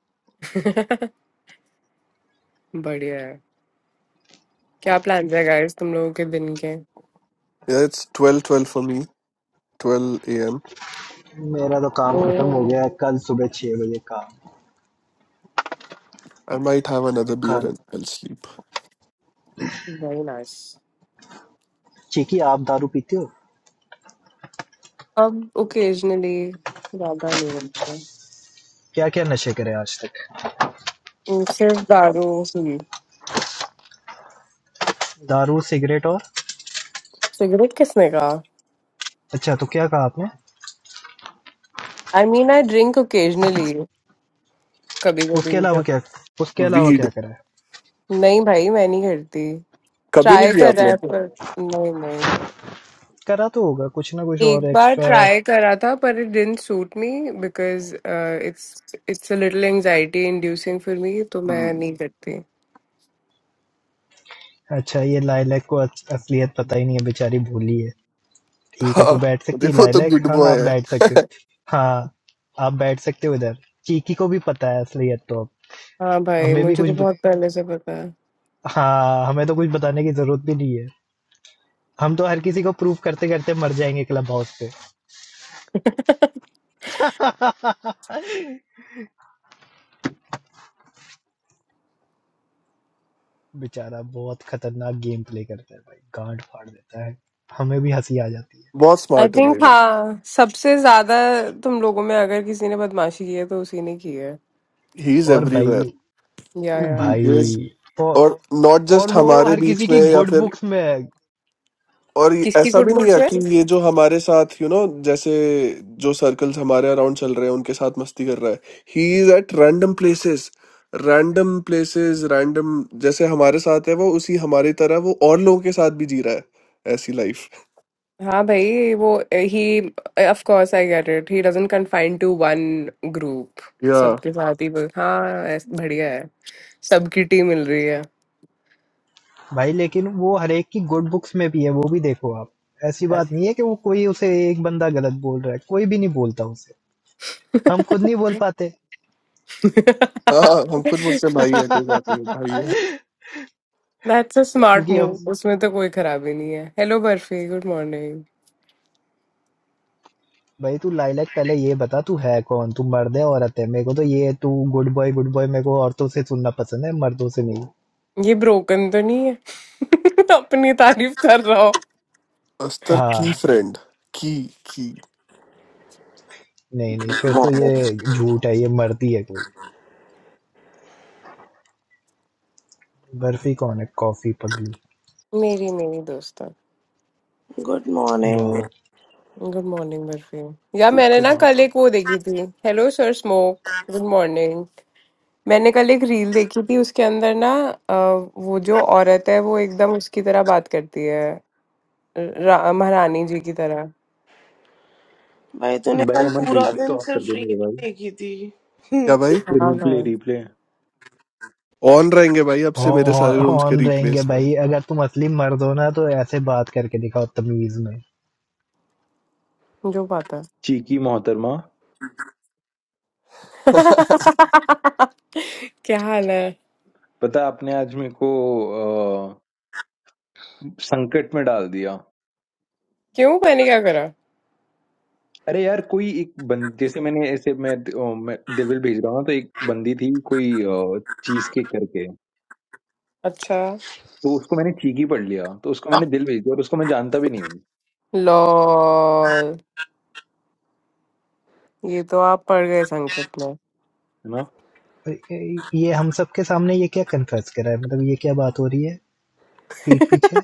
[SPEAKER 5] बढ़िया है क्या प्लान है गाइस तुम लोगों के दिन के
[SPEAKER 1] या it's twelve twelve for me twelve A M
[SPEAKER 2] मेरा तो काम खत्म
[SPEAKER 5] ओह
[SPEAKER 2] हो गया है कल सुबह छह बजे काम
[SPEAKER 1] I might have
[SPEAKER 2] uh
[SPEAKER 1] another beer
[SPEAKER 2] खाना
[SPEAKER 1] and I sleep
[SPEAKER 5] very nice
[SPEAKER 2] Chiki आप दारू पीते हो
[SPEAKER 5] अब ओकेजनली ज्यादा नहीं बनते
[SPEAKER 2] क्या क्या नशे करे आज तक
[SPEAKER 5] हम्म, सिर्फ दारू ही
[SPEAKER 2] दारू सिगरेट और
[SPEAKER 5] सिगरेट किसने कहा
[SPEAKER 2] अच्छा तो क्या कहा आपने
[SPEAKER 5] I mean I drink occasionally कभी कभी
[SPEAKER 2] उसके अलावा
[SPEAKER 5] जब
[SPEAKER 2] क्या उसके अलावा क्या
[SPEAKER 1] वीड
[SPEAKER 2] करा है
[SPEAKER 5] नहीं भाई मैं नहीं करती
[SPEAKER 1] कभी नहीं
[SPEAKER 5] ट्राई
[SPEAKER 1] किया
[SPEAKER 5] करा
[SPEAKER 1] आपने
[SPEAKER 5] है पर नहीं नहीं नहीं
[SPEAKER 2] करा तो होगा कुछ ना कुछ और
[SPEAKER 5] एक बार
[SPEAKER 2] एक्स्ट्रा
[SPEAKER 5] ट्राई करा था पर it didn't suit me because it's it's a little anxiety inducing for me तो मैं
[SPEAKER 1] हम्म,
[SPEAKER 5] नहीं करती
[SPEAKER 2] अच्छा ये लाइलैक को अस- असलियत पता ही नहीं है बेचारी भूली है ठीक है तू
[SPEAKER 1] हाँ
[SPEAKER 2] बैठ सकती है
[SPEAKER 1] देखो तो
[SPEAKER 2] लाइलैक
[SPEAKER 1] गुड
[SPEAKER 2] हाँ आप
[SPEAKER 1] बॉय है
[SPEAKER 2] बैठ सकते हो हाँ आप बैठ सकते हो इधर चीकी को भी पता है असलियत तो
[SPEAKER 5] हाँ
[SPEAKER 2] अब
[SPEAKER 5] भाई
[SPEAKER 2] हमें भी
[SPEAKER 5] मुझे
[SPEAKER 2] कुछ
[SPEAKER 5] तो
[SPEAKER 2] ब...
[SPEAKER 5] बहुत पहले से पता है
[SPEAKER 2] हाँ हमें तो कुछ बताने की जरूरत भी नहीं है हम तो हर किसी को प्रूव करते करते मर जाएंगे क्लब हाउस पे बेचारा बहुत खतरनाक गेम प्ले करता है भाई गांड फाड़ देता है हमें भी हंसी आ जाती है
[SPEAKER 1] बहुत
[SPEAKER 5] आई
[SPEAKER 1] स्मार्ट है
[SPEAKER 5] थिंक
[SPEAKER 1] भाई
[SPEAKER 5] हाँ सबसे ज्यादा तुम लोगों में अगर किसी ने बदमाशी की है तो उसी ने की है
[SPEAKER 1] ही इज
[SPEAKER 2] और
[SPEAKER 1] एवरीवेयर
[SPEAKER 2] भाई
[SPEAKER 5] या या
[SPEAKER 1] ही इज,
[SPEAKER 2] भाई और
[SPEAKER 1] और नॉट
[SPEAKER 2] और
[SPEAKER 1] जस्ट
[SPEAKER 2] वो
[SPEAKER 1] हमारे
[SPEAKER 2] हर किसी
[SPEAKER 1] बीच में
[SPEAKER 2] की
[SPEAKER 1] या
[SPEAKER 2] गुड
[SPEAKER 1] फिर
[SPEAKER 2] बुक्स में है
[SPEAKER 1] और ये-
[SPEAKER 5] किसकी
[SPEAKER 1] ऐसा
[SPEAKER 5] गुड
[SPEAKER 1] भी नहीं
[SPEAKER 5] बुक्स
[SPEAKER 1] है
[SPEAKER 5] में
[SPEAKER 1] कि ये जो हमारे साथ यू you नो know, जैसे जो सर्कल्स हमारे अराउंड चल रहे हैं उनके साथ मस्ती कर रहा है he is at random places random places random जैसे हमारे साथ है वो उसी हमारी तरह वो और लोगों के साथ भी जी रहा है ऐसी लाइफ
[SPEAKER 5] हाँ भाई वो ही of course I get it he doesn't confine to one group
[SPEAKER 1] या
[SPEAKER 5] सबके साथ ही वो- हाँ ऐस- बढ़िया है सबकी टी मिल रही है
[SPEAKER 2] भाई लेकिन वो हर एक की गुड बुक्स में भी है वो भी देखो आप ऐसी बात नहीं है कि वो कोई उसे एक बंदा गलत बोल रहा है कोई भी नहीं बोलता उसे हम खुद नहीं बोल पाते
[SPEAKER 1] हाँ हम खुद मुझसे भाई है कोई बात नहीं भाई है
[SPEAKER 2] क्योंकि
[SPEAKER 5] दैट्स अ स्मार्ट
[SPEAKER 2] हम
[SPEAKER 5] मूव उसमें तो कोई खराबी नहीं है हेलो बर्फी गुड मॉर्निंग
[SPEAKER 2] भाई तू लाइलैक पहले ये बता तू है कौन तू मर्द है औरत है मेरे को तो ये तू गुड बॉय गुड बॉय मेरे को औरतों से सुनना पसंद है मर्दों से नहीं
[SPEAKER 5] ये ब्रोकन तो नहीं है अपनी तारीफ कर रहा हो
[SPEAKER 1] अस्तर की
[SPEAKER 2] हाँ
[SPEAKER 1] फ्रेंड की की
[SPEAKER 2] नहीं नहीं फिर तो
[SPEAKER 6] मॉर्निंग
[SPEAKER 2] ये झूठ है ये मर्दी है कोई बर्फी कौन है कॉफी पगलू
[SPEAKER 5] मेरी मेरी दोस्त
[SPEAKER 6] गुड मॉर्निंग
[SPEAKER 2] वाह
[SPEAKER 5] गुड मॉर्निंग बर्फी यार मैंने ना कल
[SPEAKER 1] सुप्रभात
[SPEAKER 5] एक वो देखी थी hello sir smoke good morning मैंने कल एक रील देखी थी उसके अंदर ना अ, वो जो औरत है वो एकदम उसकी तरह बात करती है रा- महारानी जी की तरह
[SPEAKER 6] भाई तूने
[SPEAKER 7] भाई
[SPEAKER 6] कल
[SPEAKER 7] अमन
[SPEAKER 6] पूरा
[SPEAKER 7] रिप्ले
[SPEAKER 6] दिन
[SPEAKER 7] तो ऑफ कर देने दो भाई
[SPEAKER 6] सिर्फ
[SPEAKER 1] क्या भाई
[SPEAKER 5] हाँ
[SPEAKER 7] रिप्ले
[SPEAKER 5] भाई
[SPEAKER 7] रिप्ले
[SPEAKER 1] ऑन रहेंगे भाई अब से मेरे
[SPEAKER 2] ऑन
[SPEAKER 1] सारे रूम्स के
[SPEAKER 2] ऑन रहेंगे
[SPEAKER 1] रिप्लेस भाई
[SPEAKER 2] भाई अगर तुम असली मर्द हो ना तो ऐसे बात करके दिखाओ तमीज में
[SPEAKER 5] जो बात है
[SPEAKER 7] चीकी मोहतरमा
[SPEAKER 5] क्या हाल है
[SPEAKER 7] पता है आपने आज मेरे को अ, संकट में डाल दिया
[SPEAKER 5] क्यों मैंने क्या करा
[SPEAKER 7] अरे यार कोई एक बंद जैसे मैंने ऐसे मैं, अ, मैं दिलविल भेज रहा हूँ तो एक बंदी थी कोई चीज केक करके
[SPEAKER 5] अच्छा
[SPEAKER 7] तो उसको मैंने चीकी पढ़ लिया तो उसको मैंने
[SPEAKER 5] हाँ।
[SPEAKER 7] दिल भेज दिया और उसको मैं जानता भी नहीं हूँ
[SPEAKER 5] लॉल ये तो आप पड़ गए संकट में
[SPEAKER 7] है ना
[SPEAKER 2] ये हम सबके सामने ये क्या कन्फेस करा है मतलब ये क्या बात हो रही है पीठ पीछे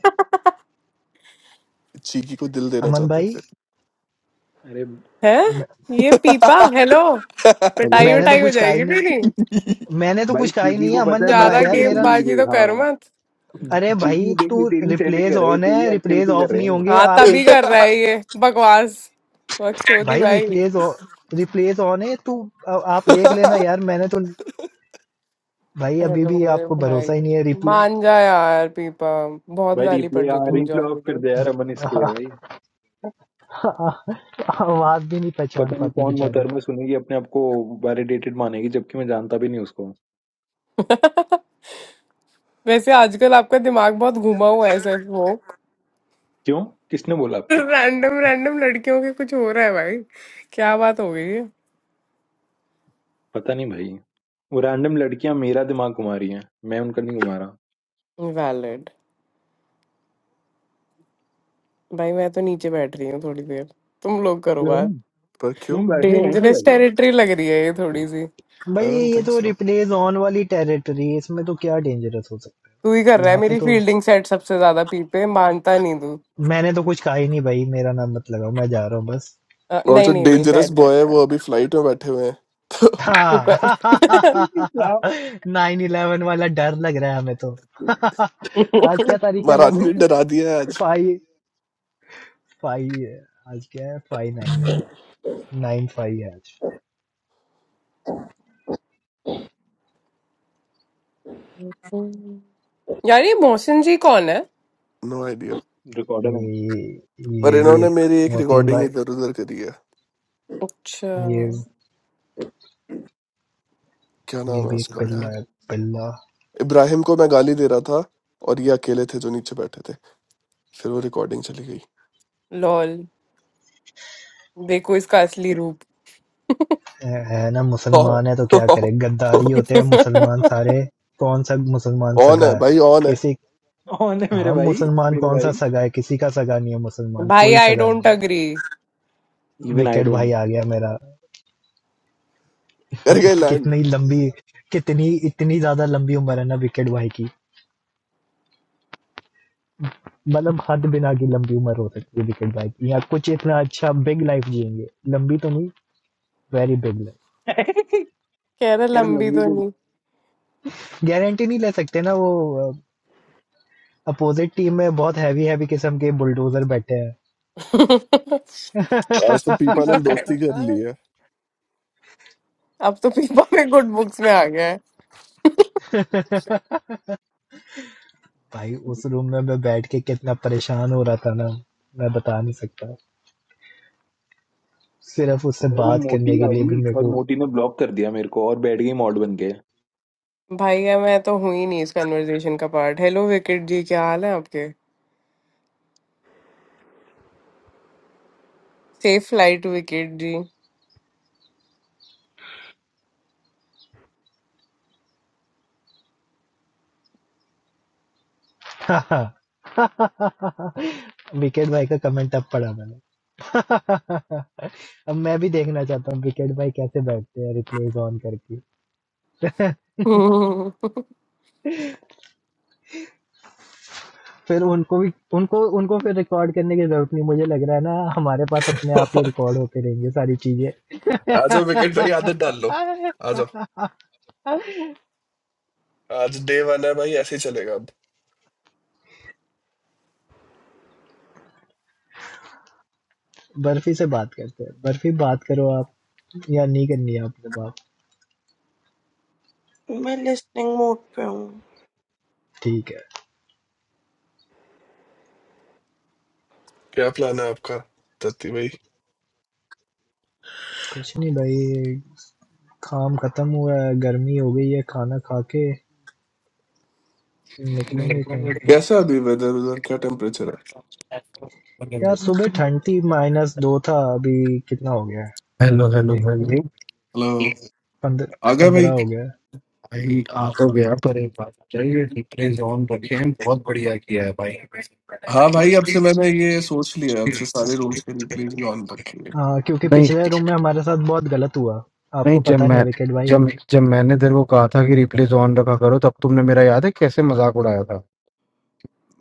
[SPEAKER 1] चीकी को दिल देना
[SPEAKER 2] अमन
[SPEAKER 1] चाहते
[SPEAKER 2] भाई
[SPEAKER 1] थे
[SPEAKER 7] अरे
[SPEAKER 5] हैं
[SPEAKER 2] म-
[SPEAKER 5] ये पीपा हेलो
[SPEAKER 7] हेलो
[SPEAKER 5] पिटाई
[SPEAKER 2] मैंने तो
[SPEAKER 5] विटाई हो
[SPEAKER 2] कुछ कहा ही
[SPEAKER 5] जाएगी
[SPEAKER 2] नहीं
[SPEAKER 5] मेरी
[SPEAKER 2] मैंने तो
[SPEAKER 7] भाई
[SPEAKER 2] कुछ कहा ही
[SPEAKER 7] चीकी
[SPEAKER 2] नहीं है
[SPEAKER 7] को
[SPEAKER 2] अमन
[SPEAKER 7] पता है
[SPEAKER 2] ने
[SPEAKER 7] मैं
[SPEAKER 2] कहा
[SPEAKER 5] ज्यादा
[SPEAKER 2] है
[SPEAKER 7] उसको
[SPEAKER 2] यार
[SPEAKER 7] कैसे
[SPEAKER 5] गेम
[SPEAKER 2] मेरा
[SPEAKER 7] दिल
[SPEAKER 5] बाजी
[SPEAKER 7] भेज
[SPEAKER 5] तो कर
[SPEAKER 7] हाँ
[SPEAKER 5] मत
[SPEAKER 2] अरे भाई
[SPEAKER 7] चीकी देख
[SPEAKER 2] तू
[SPEAKER 7] ली तेरी सेटिंग
[SPEAKER 2] रिप्लेस
[SPEAKER 7] कर रहे हैं
[SPEAKER 2] ऑन है
[SPEAKER 7] तेरी
[SPEAKER 2] रिप्लेस
[SPEAKER 7] एक्टिविटी कर
[SPEAKER 2] ऑफ
[SPEAKER 7] रहे
[SPEAKER 2] नहीं
[SPEAKER 7] हैं
[SPEAKER 2] होंगे
[SPEAKER 5] हाँ
[SPEAKER 2] आप
[SPEAKER 5] तभी
[SPEAKER 2] एक
[SPEAKER 5] कर रहा है ये बकवास बकचोदी
[SPEAKER 2] भाई
[SPEAKER 5] भाई
[SPEAKER 2] रिप्लेस रिप्लेस ऑन है तू आ- आप देख लेना यार मैंने तो भाई अभी
[SPEAKER 5] हेलो
[SPEAKER 2] भी आपको
[SPEAKER 5] भाई
[SPEAKER 2] भरोसा
[SPEAKER 5] भाई
[SPEAKER 2] ही नहीं है रिप्लेस
[SPEAKER 5] मान जा यार पीपा बहुत
[SPEAKER 7] भाई
[SPEAKER 5] गाली
[SPEAKER 7] रिप्ले
[SPEAKER 5] पड़
[SPEAKER 7] हाँ
[SPEAKER 5] चुकी है मुझे
[SPEAKER 7] रिप्ले ऑफ
[SPEAKER 5] ऑलरेडी
[SPEAKER 7] कर दिया यार अमन इसके है भाई
[SPEAKER 2] आवाज भी नहीं पहचान
[SPEAKER 7] पता नहीं
[SPEAKER 2] पाती
[SPEAKER 7] कौन
[SPEAKER 2] बेचारी
[SPEAKER 7] मोहतरमा सुनेगी अपने आप को वैलिडेटेड मानेगी जबकि मैं जानता भी नहीं उसको
[SPEAKER 5] वैसे आजकल आपका दिमाग बहुत घुमा हुआ है सर वो
[SPEAKER 7] क्यों किसने बोला आपको
[SPEAKER 5] रैंडम रैंडम लड़कियों के कुछ हो रहा है भाई क्या बात हो गई है
[SPEAKER 7] पता नहीं भाई वो रैंडम लड़कियां मेरा दिमाग घुमा रही हैं मैं उनका नहीं घुमा रहा
[SPEAKER 5] वैलिड भाई मैं तो नीचे बैठ रही हूँ थोड़ी देर तुम लोग करो
[SPEAKER 7] क्यों
[SPEAKER 5] बात
[SPEAKER 1] पर क्यों
[SPEAKER 7] तुम बैठे हो, यहीं पे
[SPEAKER 5] डेंजरस
[SPEAKER 7] बैठे हो
[SPEAKER 5] टेरिटरी लग रही है ये थोड़ी सी
[SPEAKER 2] भाई
[SPEAKER 1] आई डोंट
[SPEAKER 2] ये तो
[SPEAKER 1] थिंक
[SPEAKER 2] रिप्लेस ऑन वाली टेरिटरी है इसमें तो क्या डेंजरस हो सकता
[SPEAKER 5] तू ही कर
[SPEAKER 2] है
[SPEAKER 5] रहा है
[SPEAKER 2] यहाँ पे
[SPEAKER 5] मेरी
[SPEAKER 2] तो
[SPEAKER 5] फील्डिंग सेट सबसे ज्यादा पीपे मानता नहीं तू
[SPEAKER 2] मैंने तो कुछ कहा ही नहीं भाई मेरा नाम मत लगाओ मैं जा रहा हूँ बस
[SPEAKER 5] अ,
[SPEAKER 1] और
[SPEAKER 5] नहीं
[SPEAKER 1] जो
[SPEAKER 5] नहीं नहीं
[SPEAKER 1] डेंजरस
[SPEAKER 5] बैठ बैठ
[SPEAKER 1] बॉय है
[SPEAKER 5] बैठ।
[SPEAKER 1] वो अभी फ्लाइट में बैठे हुए हैं तो
[SPEAKER 5] शुक्र
[SPEAKER 2] हाँ
[SPEAKER 7] ठीक है, तो आप
[SPEAKER 2] नाइन इलेवन वाला डर लग रहा है हमें तो आज क्या तारीख है
[SPEAKER 1] महारानी
[SPEAKER 2] वैसे
[SPEAKER 1] ने डरा दिया है आज
[SPEAKER 2] फाइव फाइव है आज क्या है फाइव नाइन है नाइन फाइव है आज
[SPEAKER 5] यार ये मोहसिन जी कौन है
[SPEAKER 1] नो आइडिया
[SPEAKER 7] रिकॉर्डर है
[SPEAKER 2] ये
[SPEAKER 1] पर
[SPEAKER 2] ये भी
[SPEAKER 1] इन्होंने
[SPEAKER 2] एक
[SPEAKER 1] मेरी एक
[SPEAKER 2] मोहसिन
[SPEAKER 1] रिकॉर्डिंग
[SPEAKER 2] भाई
[SPEAKER 1] इधर उधर करी है
[SPEAKER 5] अच्छा
[SPEAKER 2] ये
[SPEAKER 1] क्या नाम
[SPEAKER 2] ये
[SPEAKER 1] है
[SPEAKER 2] भी एक
[SPEAKER 1] उसका यार
[SPEAKER 2] पिल्ला है पिल्ला
[SPEAKER 1] इब्राहिम को मैं गाली दे रहा था और ये अकेले थे जो नीचे बैठे थे फिर वो रिकॉर्डिंग चली गई
[SPEAKER 5] लॉल देखो इसका असली रूप
[SPEAKER 2] है है ना मुसलमान है तो क्या करे गद्दारी होते हैं मुसलमान सारे कौन सा मुसलमान
[SPEAKER 1] ऑन
[SPEAKER 2] सगा
[SPEAKER 1] है
[SPEAKER 2] है
[SPEAKER 1] भाई ऑन है
[SPEAKER 2] किसी
[SPEAKER 7] कौन है मेरे
[SPEAKER 2] हाँ
[SPEAKER 7] भाई
[SPEAKER 2] मुसलमान
[SPEAKER 7] मेरे
[SPEAKER 2] कौन
[SPEAKER 7] भाई
[SPEAKER 2] सा सगा है किसी का सगा नहीं है मुसलमान
[SPEAKER 5] भाई
[SPEAKER 2] कोई
[SPEAKER 5] आई
[SPEAKER 2] सगा
[SPEAKER 5] डोंट
[SPEAKER 2] नहीं
[SPEAKER 5] अग्री
[SPEAKER 2] है
[SPEAKER 7] इवन आई
[SPEAKER 2] विकेट
[SPEAKER 7] डोंट
[SPEAKER 2] भाई आ गया मेरा
[SPEAKER 1] कर गए लैंड
[SPEAKER 2] कितनी लंबी कितनी इतनी ज्यादा लंबी उम्र है ना विकेट भाई की मतलब हद बिना की लंबी उम्र हो सकती है विकेट भाई की या कुछ इतना अच्छा बिग लाइफ जिएंगे लंबी तो नहीं वेरी बिग लाइफ
[SPEAKER 5] कह रहे
[SPEAKER 7] यार
[SPEAKER 5] लंबी
[SPEAKER 7] लंबी
[SPEAKER 5] तो
[SPEAKER 7] से
[SPEAKER 5] नहीं
[SPEAKER 2] गारंटी नहीं ले सकते ना वो अपोजिट टीम में बहुत हैवी हैवी किस्म के बुलडोजर बैठे हैं
[SPEAKER 1] आज तो पीपा ने दोस्ती कर ली
[SPEAKER 2] भाई
[SPEAKER 1] है
[SPEAKER 5] अब तो पीपा में गुड बुक्स में आ गया है
[SPEAKER 2] उस रूम में मैं बैठ के कितना परेशान हो रहा था ना मैं बता नहीं सकता सिर्फ उससे
[SPEAKER 7] वो
[SPEAKER 2] बात
[SPEAKER 7] मोटी
[SPEAKER 2] करने के लिए भी
[SPEAKER 7] आई
[SPEAKER 2] मेरे
[SPEAKER 7] और
[SPEAKER 2] को
[SPEAKER 7] मोटी ने ब्लॉक कर दिया मेरे को और बैठ गई मॉड बन के
[SPEAKER 5] भाई है मैं तो हूं ही नहीं इस कन्वर्सेशन का पार्ट हेलो विकेट जी क्या हाल है आपके safe flight wicket ji
[SPEAKER 2] wicket भाई का कमेंट अब पढ़ा मैंने अब मैं भी देखना चाहता हूँ विकेट भाई कैसे बैठते हैं रिप्लेस ऑन करके फिर उनको भी उनको उनको फिर रिकॉर्ड करने की जरूरत नहीं मुझे लग रहा है ना हमारे पास अपने आप ही रिकॉर्ड होते रहेंगे सारी
[SPEAKER 1] आ जाओ विकेट भाई
[SPEAKER 2] चीजें
[SPEAKER 1] आदत डाल लो आ जाओ आज डे वन है भाई ऐसे ही चलेगा अब
[SPEAKER 2] बर्फी से बात करते हैं बर्फी बात करो आप या नहीं करनी है आपने बात
[SPEAKER 6] मैं लिस्टिंग मोड पे हूँ
[SPEAKER 2] ठीक है
[SPEAKER 1] क्या प्लान है आपका तत्ती भाई
[SPEAKER 2] कुछ नहीं भाई काम खत्म हुआ है गर्मी हो गई है खाना खा के निकलेंगे कहीं
[SPEAKER 1] कैसा अभी वेदर उधर क्या टेम्परेचर है
[SPEAKER 2] यार
[SPEAKER 8] हेलो
[SPEAKER 2] सुबह ठंड थी माइनस दो था अभी कितना हो गया है
[SPEAKER 8] हेलो हेलो
[SPEAKER 2] देखने दो
[SPEAKER 1] हेलो
[SPEAKER 2] पंद्रह
[SPEAKER 1] आ गए
[SPEAKER 2] पंद्रह
[SPEAKER 1] भाई
[SPEAKER 2] हो गया है
[SPEAKER 8] भाई आ तो गया पर एक बात चाहिए रिप्लेस ऑन रखे हैं बहुत बढ़िया किया है भाई
[SPEAKER 1] हाँ भाई अब से मैंने ये सोच लिया है, अब से सारे रूम्स के रिप्लेस भी ऑन रखेंगे
[SPEAKER 2] हाँ क्योंकि
[SPEAKER 8] नहीं
[SPEAKER 2] पिछले रूम में हमारे साथ बहुत गलत हुआ
[SPEAKER 8] नहीं
[SPEAKER 2] आपको
[SPEAKER 8] जब
[SPEAKER 2] पता नहीं
[SPEAKER 8] मैं
[SPEAKER 2] है विकेट भाई
[SPEAKER 8] जब जब मैंने तेरे को कहा था कि रिप्लेस ऑन रखा करो तब तुमने मेरा याद है कैसे मजाक उड़ाया था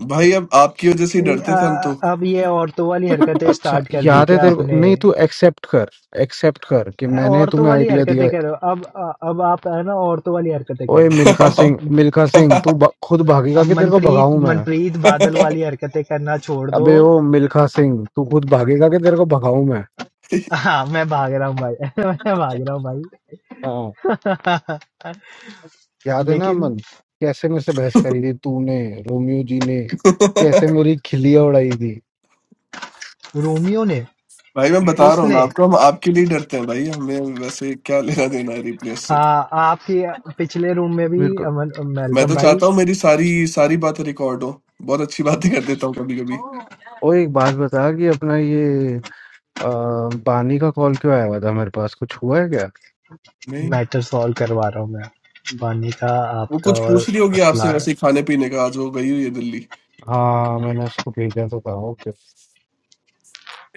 [SPEAKER 1] भाई अब आपकी वजह से ही
[SPEAKER 2] ये,
[SPEAKER 1] डरते थे हम
[SPEAKER 2] आ,
[SPEAKER 1] तो
[SPEAKER 2] अब ये औरतों वाली हरकतें
[SPEAKER 8] अच्छा
[SPEAKER 2] स्टार्ट कर दी
[SPEAKER 8] याद है
[SPEAKER 2] क्या
[SPEAKER 8] तेरे को नहीं
[SPEAKER 2] आपने
[SPEAKER 8] तू एक्सेप्ट कर एक्सेप्ट कर कि मैंने
[SPEAKER 2] औरतों
[SPEAKER 8] तुम्हें
[SPEAKER 2] वाली
[SPEAKER 8] आइडिया दिया
[SPEAKER 2] हरकतें
[SPEAKER 8] है।
[SPEAKER 2] कर रहे हो अब अब आप है ना औरतों वाली हरकतें कर
[SPEAKER 8] ओए
[SPEAKER 2] रहे
[SPEAKER 8] मिल्खा सिंह
[SPEAKER 2] हो
[SPEAKER 8] मिल्खा सिंह तू ब- खुद भागेगा
[SPEAKER 2] अब
[SPEAKER 8] कि तेरे को
[SPEAKER 2] मनप्रीत
[SPEAKER 8] भगाऊं मैं
[SPEAKER 2] मनप्रीत बादल वाली हरकतें करना छोड़ दो
[SPEAKER 8] अबे ओ मिल्खा सिंह तू खुद भागेगा कि तेरे को भगाऊं मैं
[SPEAKER 2] हाँ मैं भाग रहा हूँ भाई मैं भाग रहा हूँ भाई
[SPEAKER 8] हाँ याद है ना
[SPEAKER 2] लेकिन
[SPEAKER 8] अमन कैसे मेरे से बहस करी थी तूने रोमियो जी ने कैसे मेरी खिल्लियां उड़ाई थी
[SPEAKER 2] रोमियो ने
[SPEAKER 1] भाई मैं बता रहा हूँ ना
[SPEAKER 2] उसने
[SPEAKER 1] आपको हम आपके लिए डरते हैं भाई हमें वैसे क्या लेना देना है रिप्लेस
[SPEAKER 2] आ,
[SPEAKER 1] से
[SPEAKER 2] आपके पिछले रूम में भी
[SPEAKER 8] मेरे को
[SPEAKER 2] अमन
[SPEAKER 1] मैं
[SPEAKER 2] मेलकम
[SPEAKER 1] तो
[SPEAKER 2] भाई
[SPEAKER 1] चाहता हूँ मेरी सारी सारी बातें रिकॉर्ड हो बहुत अच्छी बातें कर देता हूँ कभी कभी
[SPEAKER 8] ओ एक बात बता कि अपना ये अ, बानी का कॉल क्यों आया हुआ था मेरे पास कुछ हुआ है क्या
[SPEAKER 1] नहीं
[SPEAKER 2] मैटर सॉल्व करवा रहा हूँ मैं बानी का
[SPEAKER 1] वो
[SPEAKER 2] आपका
[SPEAKER 1] कुछ
[SPEAKER 2] और
[SPEAKER 1] पूछ ली होगी
[SPEAKER 2] असला
[SPEAKER 1] आपसे वैसे ही खाने पीने का आज वो गई हुई है दिल्ली
[SPEAKER 8] हाँ मैंने उसको भेजा तो था ओके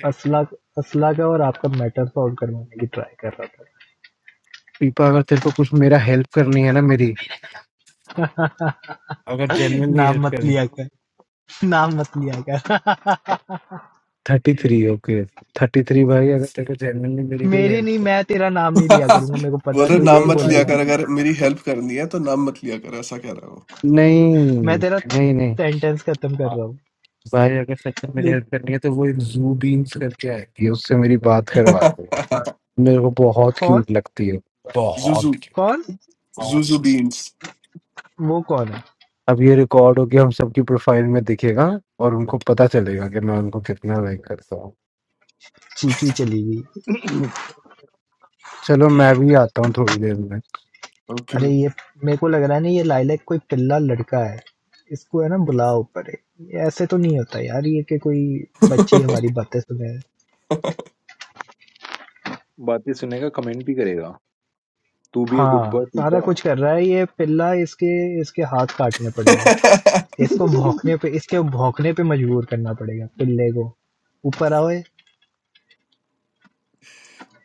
[SPEAKER 2] असला असला का और आपका मैटर सॉल्व करवाने की ट्राई कर रहा
[SPEAKER 8] पीपा अगर तेरे को कुछ मेरा हेल्प करनी है ना मेरी
[SPEAKER 2] था
[SPEAKER 8] अगर जेन्युइनली
[SPEAKER 2] नाम
[SPEAKER 8] हेल्प
[SPEAKER 2] मत
[SPEAKER 8] करनी
[SPEAKER 2] लिया कर नाम मत लिया कर
[SPEAKER 8] 33 ओके 33 भाई अगर तेरे को जेन्युइनली मेरी कोई
[SPEAKER 2] मेरी नहीं
[SPEAKER 8] हेल्प
[SPEAKER 2] मैं तेरा नाम नहीं लिया करूंगा मेरे को
[SPEAKER 1] बोल
[SPEAKER 2] पता है
[SPEAKER 1] रहे
[SPEAKER 2] तू
[SPEAKER 1] नाम
[SPEAKER 2] यही
[SPEAKER 1] मत लिया
[SPEAKER 2] बोलेगा
[SPEAKER 1] कर अगर मेरी हेल्प करनी है तो नाम मत लिया कर ऐसा कह रहा है वो
[SPEAKER 8] नहीं
[SPEAKER 2] मैं तेरा
[SPEAKER 8] नहीं नहीं
[SPEAKER 2] सेंटेंस खत्म कर रहा हूँ
[SPEAKER 8] भाई अगर सच में मेरी
[SPEAKER 2] लेकिन
[SPEAKER 8] हेल्प करनी है तो वो एक जू बीन्स करके आएगी उससे मेरी बात करवा दूंगा मेरे को बहुत
[SPEAKER 2] कौन
[SPEAKER 8] क्यूट लगती है बहुत
[SPEAKER 1] जुजू
[SPEAKER 2] कौन
[SPEAKER 1] जुजू
[SPEAKER 8] क्यूट
[SPEAKER 1] बीन्स
[SPEAKER 2] वो कौन है
[SPEAKER 8] अब ये रिकॉर्ड हो गया हम सबकी प्रोफाइल में दिखेगा और उनको पता चलेगा कि मैं उनको कितना लाइक करता हूँ
[SPEAKER 2] चीकी चली गई
[SPEAKER 8] चलो मैं भी आता हूँ थोड़ी देर में
[SPEAKER 1] ओके
[SPEAKER 2] अरे
[SPEAKER 1] भाई।
[SPEAKER 2] ये मेरे को लग रहा है ना ये लाइलैक कोई पिल्ला लड़का है इसको है ना बुलाओ ऊपर ये ऐसे तो नहीं होता यार ये कि कोई बच्ची हमारी बातें सुने
[SPEAKER 7] बातें सुनेगा कमेंट भी करेगा तू भी ए गुड
[SPEAKER 2] हाँ
[SPEAKER 7] बॉय पीटा
[SPEAKER 2] सारा कुछ कर रहा है ये पिल्ला इसके इसके हाथ काटने पड़ेंगे इसको भौंकने पे इसके भौंकने पे मजबूर करना पड़ेगा पिल्ले को ऊपर आओ ये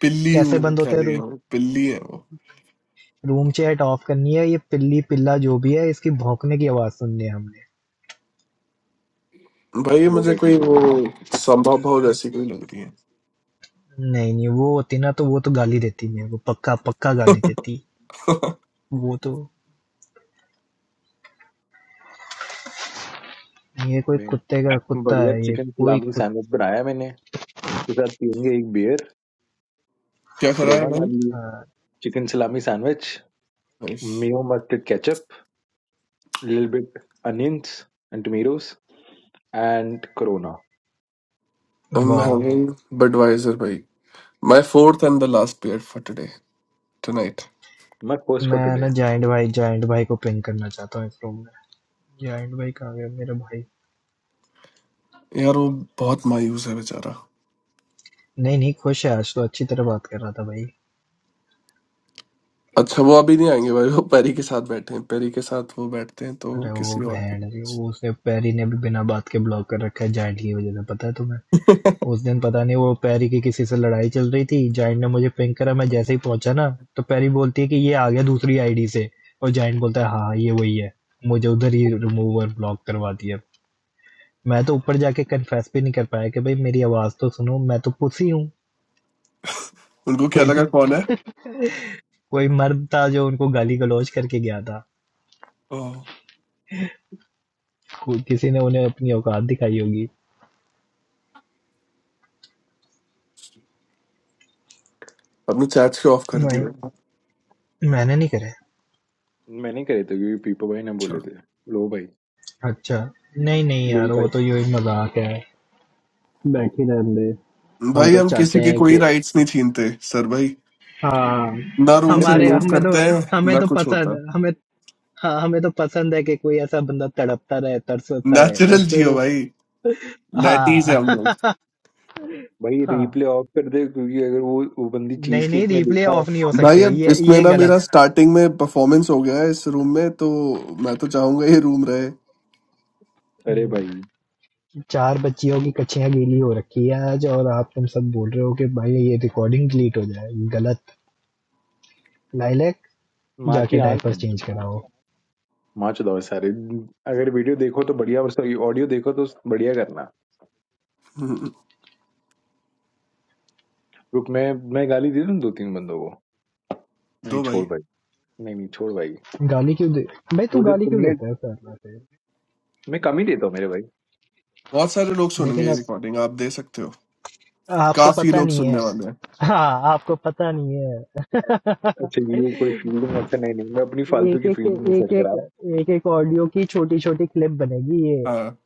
[SPEAKER 1] पिल्ली
[SPEAKER 2] कैसे
[SPEAKER 1] हूँ
[SPEAKER 2] बंद
[SPEAKER 1] क्या
[SPEAKER 2] होते हैं
[SPEAKER 1] भी
[SPEAKER 2] रू,
[SPEAKER 1] है वो पिल्ली है वो
[SPEAKER 2] रूम चेट ऑफ करनी है ये पिल्ली पिल्ला जो भी है इसकी भौंकने की आवाज सुननी है हमने
[SPEAKER 1] भाई ये
[SPEAKER 7] लो
[SPEAKER 1] मुझे
[SPEAKER 7] भाई की
[SPEAKER 1] कोई वो
[SPEAKER 7] जल्दी।
[SPEAKER 1] संभव भाव जैसी कोई लग रही है
[SPEAKER 2] नहीं नहीं वो होती ना तो वो तो गाली देती मेरे को पक्का पक्का गाली देती वो तो ये कोई कुत्ते का
[SPEAKER 7] मैं
[SPEAKER 2] कुत्ता
[SPEAKER 7] बढ़िया
[SPEAKER 2] है ये
[SPEAKER 7] चिकन
[SPEAKER 2] कोई
[SPEAKER 7] सलामी सैंडविच बनाया मैंने इसके साथ पियेंगे एक बियर
[SPEAKER 1] क्या करा है
[SPEAKER 7] कोरोना
[SPEAKER 1] भाई
[SPEAKER 7] डालिए
[SPEAKER 2] कुत्ता
[SPEAKER 7] chicken salami sandwich
[SPEAKER 1] nice
[SPEAKER 7] mayo mustard ketchup little bit onions and tomatoes and Corona
[SPEAKER 1] I am
[SPEAKER 2] वाह
[SPEAKER 1] हैविंग बडवाइजर भाई my fourth and the last beer for today tonight
[SPEAKER 7] my first
[SPEAKER 2] मैं
[SPEAKER 7] for
[SPEAKER 2] ना
[SPEAKER 7] today
[SPEAKER 2] giant भाई giant भाई को ping करना चाहता हूँ इस रूम में जाइंट भाई कहाँ गया मेरा भाई
[SPEAKER 1] यार वो बहुत मायूस है बेचारा
[SPEAKER 2] नहीं नहीं खुश है आज तो अच्छी तरह बात कर रहा था भाई
[SPEAKER 1] अच्छा वो अभी नहीं आएंगे भाई वो पेरी के साथ बैठे हैं पेरी के साथ वो बैठते हैं तो
[SPEAKER 2] अरे
[SPEAKER 1] किसी
[SPEAKER 2] वो
[SPEAKER 1] और
[SPEAKER 2] बहन जी वो उसे पैरी ने भी बिना बात के ब्लॉक कर रखा है जाइंट की वजह से पता है तुम्हें उस दिन पता नहीं वो पैरी की किसी से लड़ाई चल रही थी जाइंट ने मुझे पिंग करा मैं जैसे ही पहुंचा ना तो पैरी बोलती है कि ये आ गया दूसरी आईडी से और जाइंट बोलता है हाँ हाँ, ये वही है मुझे उधर ही रिमूव और ब्लॉक करवाती है मैं तो ऊपर जाके कन्फेस भी नहीं कर पाया कि भाई मेरी आवाज तो सुनो मैं तो पुसी हूँ
[SPEAKER 1] उनको क्या
[SPEAKER 2] कोई
[SPEAKER 1] लगा कौन है
[SPEAKER 2] कोई मर्द था जो उनको गाली गलौज करके गया था
[SPEAKER 1] ओह,
[SPEAKER 2] कोई- किसी ने उन्हें अपनी औकात दिखाई होगी
[SPEAKER 1] अपने चैट्स के ऑफ कर
[SPEAKER 2] मैं
[SPEAKER 1] दिए
[SPEAKER 2] मैंने नहीं करे
[SPEAKER 7] मैंने करे थे क्योंकि पीपो भाई ने
[SPEAKER 1] अच्छा
[SPEAKER 7] बोले थे लो भाई
[SPEAKER 2] अच्छा, नहीं-नहीं
[SPEAKER 7] ले
[SPEAKER 2] यार वो
[SPEAKER 7] भाई
[SPEAKER 2] तो यूँ ही मज़ाक है। बैठी रहने दे। हम
[SPEAKER 1] भाई
[SPEAKER 2] तो
[SPEAKER 1] हम
[SPEAKER 2] चाहते
[SPEAKER 1] किसी के
[SPEAKER 2] हैं
[SPEAKER 1] कोई
[SPEAKER 2] कि
[SPEAKER 1] राइट्स नहीं छीनते सर भाई
[SPEAKER 2] हाँ,
[SPEAKER 1] ना रूम
[SPEAKER 7] अरे
[SPEAKER 1] से
[SPEAKER 2] हमारे
[SPEAKER 7] मेरी
[SPEAKER 1] रिमूव
[SPEAKER 7] नहीं
[SPEAKER 2] हमें तो
[SPEAKER 1] करते हैं
[SPEAKER 2] हमें
[SPEAKER 1] ना
[SPEAKER 2] तो
[SPEAKER 1] कुछ होता
[SPEAKER 2] पसंद
[SPEAKER 1] है
[SPEAKER 2] हमें हाँ, हमें तो पसंद है कि कोई ऐसा बंदा तड़पता रहे, तरसता रहे और
[SPEAKER 1] नेचुरल
[SPEAKER 2] फिर
[SPEAKER 1] जियो
[SPEAKER 2] उस
[SPEAKER 1] भाई
[SPEAKER 2] हाँ,
[SPEAKER 1] नैटीज है हम लोग
[SPEAKER 7] भाई रिप्ले
[SPEAKER 2] हाँ।
[SPEAKER 7] ऑफ कर दे क्योंकि अगर वो वो बंदी चीज
[SPEAKER 2] नहीं-नहीं
[SPEAKER 7] केक ने
[SPEAKER 2] रिप्ले
[SPEAKER 7] देखा
[SPEAKER 2] ऑफ नहीं हो
[SPEAKER 1] भाई
[SPEAKER 2] सकते।
[SPEAKER 1] अब
[SPEAKER 2] ये
[SPEAKER 1] इसमें
[SPEAKER 2] ये
[SPEAKER 1] ना
[SPEAKER 2] गलत
[SPEAKER 1] मेरा स्टार्टिंग में परफॉर्मेंस हो गया है इस रूम में तो मैं तो चाहूंगा ये रूम रहे
[SPEAKER 7] अरे
[SPEAKER 2] हम्म,
[SPEAKER 7] भाई
[SPEAKER 2] चार बच्चियों की कच्छियाँ गीली हो रखी है आज और आप तुम सब बोल रहे हो कि भाई ये रिकॉर्डिंग डिलीट हो जाए। गलत। लाइलैक
[SPEAKER 7] माँ की
[SPEAKER 2] जाके
[SPEAKER 7] आंख
[SPEAKER 2] डायपर
[SPEAKER 7] है
[SPEAKER 2] चेंज कराओ।
[SPEAKER 7] माँ चौदह सारे अगर वीडियो देखो तो बढ़िया और सॉरी ऑडियो देखो तो बढ़िया करना रुक मैं मैं गाली दे दूं दो तीन बंदों को नहीं
[SPEAKER 1] दो
[SPEAKER 7] छोड़
[SPEAKER 1] भाई
[SPEAKER 7] भाई नहीं नहीं छोड़ भाई
[SPEAKER 2] गाली क्यों दे भाई तू
[SPEAKER 7] वो जो
[SPEAKER 2] गाली क्यों
[SPEAKER 7] तुमने
[SPEAKER 2] देता है सर वैसे
[SPEAKER 7] मैं कम ही देता हूँ मेरे भाई
[SPEAKER 1] बहुत सारे लोग सुनेंगे
[SPEAKER 2] लेकिन
[SPEAKER 1] ये
[SPEAKER 2] अब
[SPEAKER 1] रिकॉर्डिंग आप दे सकते हो
[SPEAKER 2] आप, आपको
[SPEAKER 1] काफी
[SPEAKER 2] पता
[SPEAKER 1] लोग
[SPEAKER 2] नहीं है
[SPEAKER 1] सुनने वाले हैं
[SPEAKER 2] हाँ आपको पता नहीं है
[SPEAKER 7] अच्छा ये कोई फील्डिंग अच्छा नहीं नहीं मैं अपनी फालतू
[SPEAKER 2] एक
[SPEAKER 7] की
[SPEAKER 2] एक
[SPEAKER 7] फील्डिंग नहीं
[SPEAKER 2] एक
[SPEAKER 7] सर करा
[SPEAKER 2] एक
[SPEAKER 7] रहा
[SPEAKER 2] एक एक ऑडियो की छोटी छोटी क्लिप बनेगी ये
[SPEAKER 1] हाँ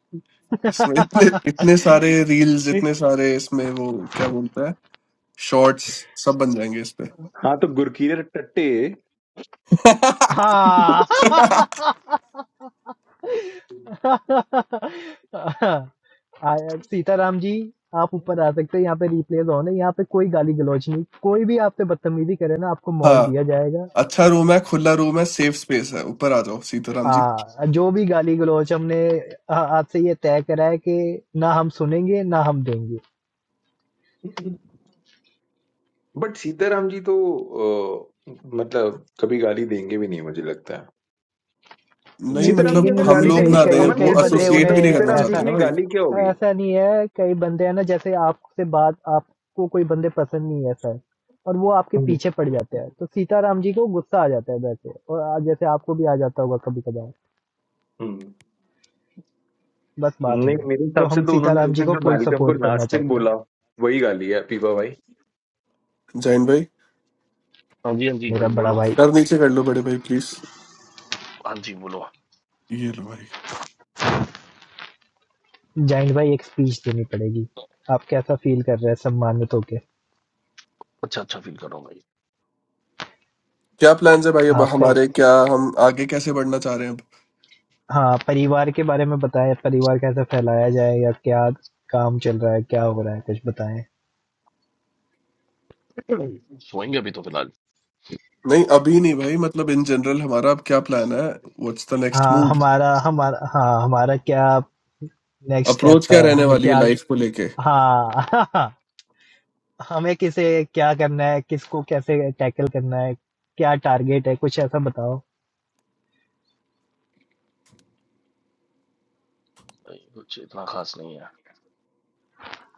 [SPEAKER 1] इसमें इतने इतने सारे रील्स इतने सारे इसमें वो क्या बोलता है शॉर्ट्स सब बन जाएंगे इस पे
[SPEAKER 7] हाँ तो गुरकीरत टट्टे
[SPEAKER 2] हाँ आ- सीताराम जी आप ऊपर आ सकते हैं यहाँ पे रिप्लेस ऑन है यहाँ पे कोई गाली गलौज नहीं कोई भी आपसे बदतमीजी करे ना आपको मोड़
[SPEAKER 1] हाँ
[SPEAKER 2] दिया जाएगा
[SPEAKER 1] अच्छा रूम है खुला रूम है सेफ स्पेस है ऊपर आ जाओ सीताराम जी
[SPEAKER 2] हाँ जो भी गाली गलौज हमने आ- आज से ये तय करा है कि ना हम सुनेंगे ना हम देंगे
[SPEAKER 7] बट सीताराम जी तो अ, मतलब कभी गाली देंगे भी नहीं मुझे लगता है
[SPEAKER 1] नहीं
[SPEAKER 2] नहीं
[SPEAKER 7] सीताराम जी
[SPEAKER 2] देंगे
[SPEAKER 1] मतलब
[SPEAKER 2] नहीं
[SPEAKER 7] अगर
[SPEAKER 1] हम
[SPEAKER 2] लेकिन
[SPEAKER 7] गाली
[SPEAKER 1] लोग
[SPEAKER 2] कई
[SPEAKER 7] देंगे
[SPEAKER 1] ना
[SPEAKER 7] तो
[SPEAKER 1] दें
[SPEAKER 2] कई
[SPEAKER 7] अमन
[SPEAKER 2] कई
[SPEAKER 1] वो
[SPEAKER 7] कैसे
[SPEAKER 2] बंदे
[SPEAKER 7] देंगे
[SPEAKER 1] एसोसिएट
[SPEAKER 2] उन्हें
[SPEAKER 7] मतलब
[SPEAKER 1] भी नहीं करना
[SPEAKER 7] सीताराम जी
[SPEAKER 2] ऐसा
[SPEAKER 1] चाहते
[SPEAKER 7] के
[SPEAKER 1] ना
[SPEAKER 7] लिए
[SPEAKER 1] भाई
[SPEAKER 7] गाली क्या होगी
[SPEAKER 2] ऐसा नहीं है कई बंदे हैं ना जैसे आपसे बात आपको कोई बंदे पसंद नहीं है ऐसा और वो आपके
[SPEAKER 7] हम्म
[SPEAKER 2] पीछे पड़ जाते हैं तो सीताराम जी को गुस्सा आ जाता है वैसे और आ- जैसे आपको भी आ जाता होगा कभी कभार
[SPEAKER 7] हम्म।
[SPEAKER 2] बस बात
[SPEAKER 7] नहीं
[SPEAKER 2] वो है
[SPEAKER 7] मेरे
[SPEAKER 2] तो
[SPEAKER 7] हिसाब से
[SPEAKER 2] हम
[SPEAKER 7] तो उन्होंने
[SPEAKER 2] सीताराम
[SPEAKER 7] उस
[SPEAKER 2] जी
[SPEAKER 7] दिन
[SPEAKER 2] को
[SPEAKER 7] जो
[SPEAKER 2] फुल
[SPEAKER 7] मैलकम को
[SPEAKER 2] सपोर्ट करना
[SPEAKER 7] नास्तिक
[SPEAKER 2] चाहते हैं
[SPEAKER 7] बोला वही गाली है पीपा भाई
[SPEAKER 1] जैन भाई
[SPEAKER 9] हाँ जी हाँ जी भाई
[SPEAKER 2] मेरा बड़ा
[SPEAKER 9] बोलो
[SPEAKER 2] भाई
[SPEAKER 1] सर नीचे कर लो बड़े भाई प्लीज
[SPEAKER 9] हाँ जी बोलो
[SPEAKER 1] ये लो भाई
[SPEAKER 2] जैंट भाई एक स्पीच देनी पड़ेगी आप कैसा फील कर रहे हैं सम्मानित होके
[SPEAKER 9] अच्छा अच्छा फील कर रहा हूँ
[SPEAKER 1] क्या प्लान्स है भाई अब
[SPEAKER 2] आपका
[SPEAKER 1] हमारे क्या हम आगे कैसे बढ़ना चाह रहे हैं अब
[SPEAKER 2] हाँ, परिवार के बारे में बताएँ, परिवार कैसे फैलाया जाए या क्या काम चल रहा है, क्या हो रहा है, कुछ बताएँ?
[SPEAKER 9] भाई सोएंगे अभी तो फिलहाल
[SPEAKER 1] नहीं अभी नहीं भाई मतलब इन जनरल हमारा अब क्या प्लान है व्हाट्स द नेक्स्ट
[SPEAKER 2] हाँ,
[SPEAKER 1] मूव
[SPEAKER 2] हमारा हमारा हाँ, हमारा क्या नेक्स्ट
[SPEAKER 1] अप्रोच
[SPEAKER 2] स्टेप
[SPEAKER 1] क्या
[SPEAKER 2] है,
[SPEAKER 1] रहने
[SPEAKER 2] हमें
[SPEAKER 1] वाली है
[SPEAKER 2] क्या
[SPEAKER 1] लाइफ को लेके
[SPEAKER 2] हाँ, हमें किसे क्या करना है, किसको कैसे टैकल करना है, क्या टारगेट है, कुछ ऐसा बताओ?
[SPEAKER 9] भाई कुछ इतना खास नहीं है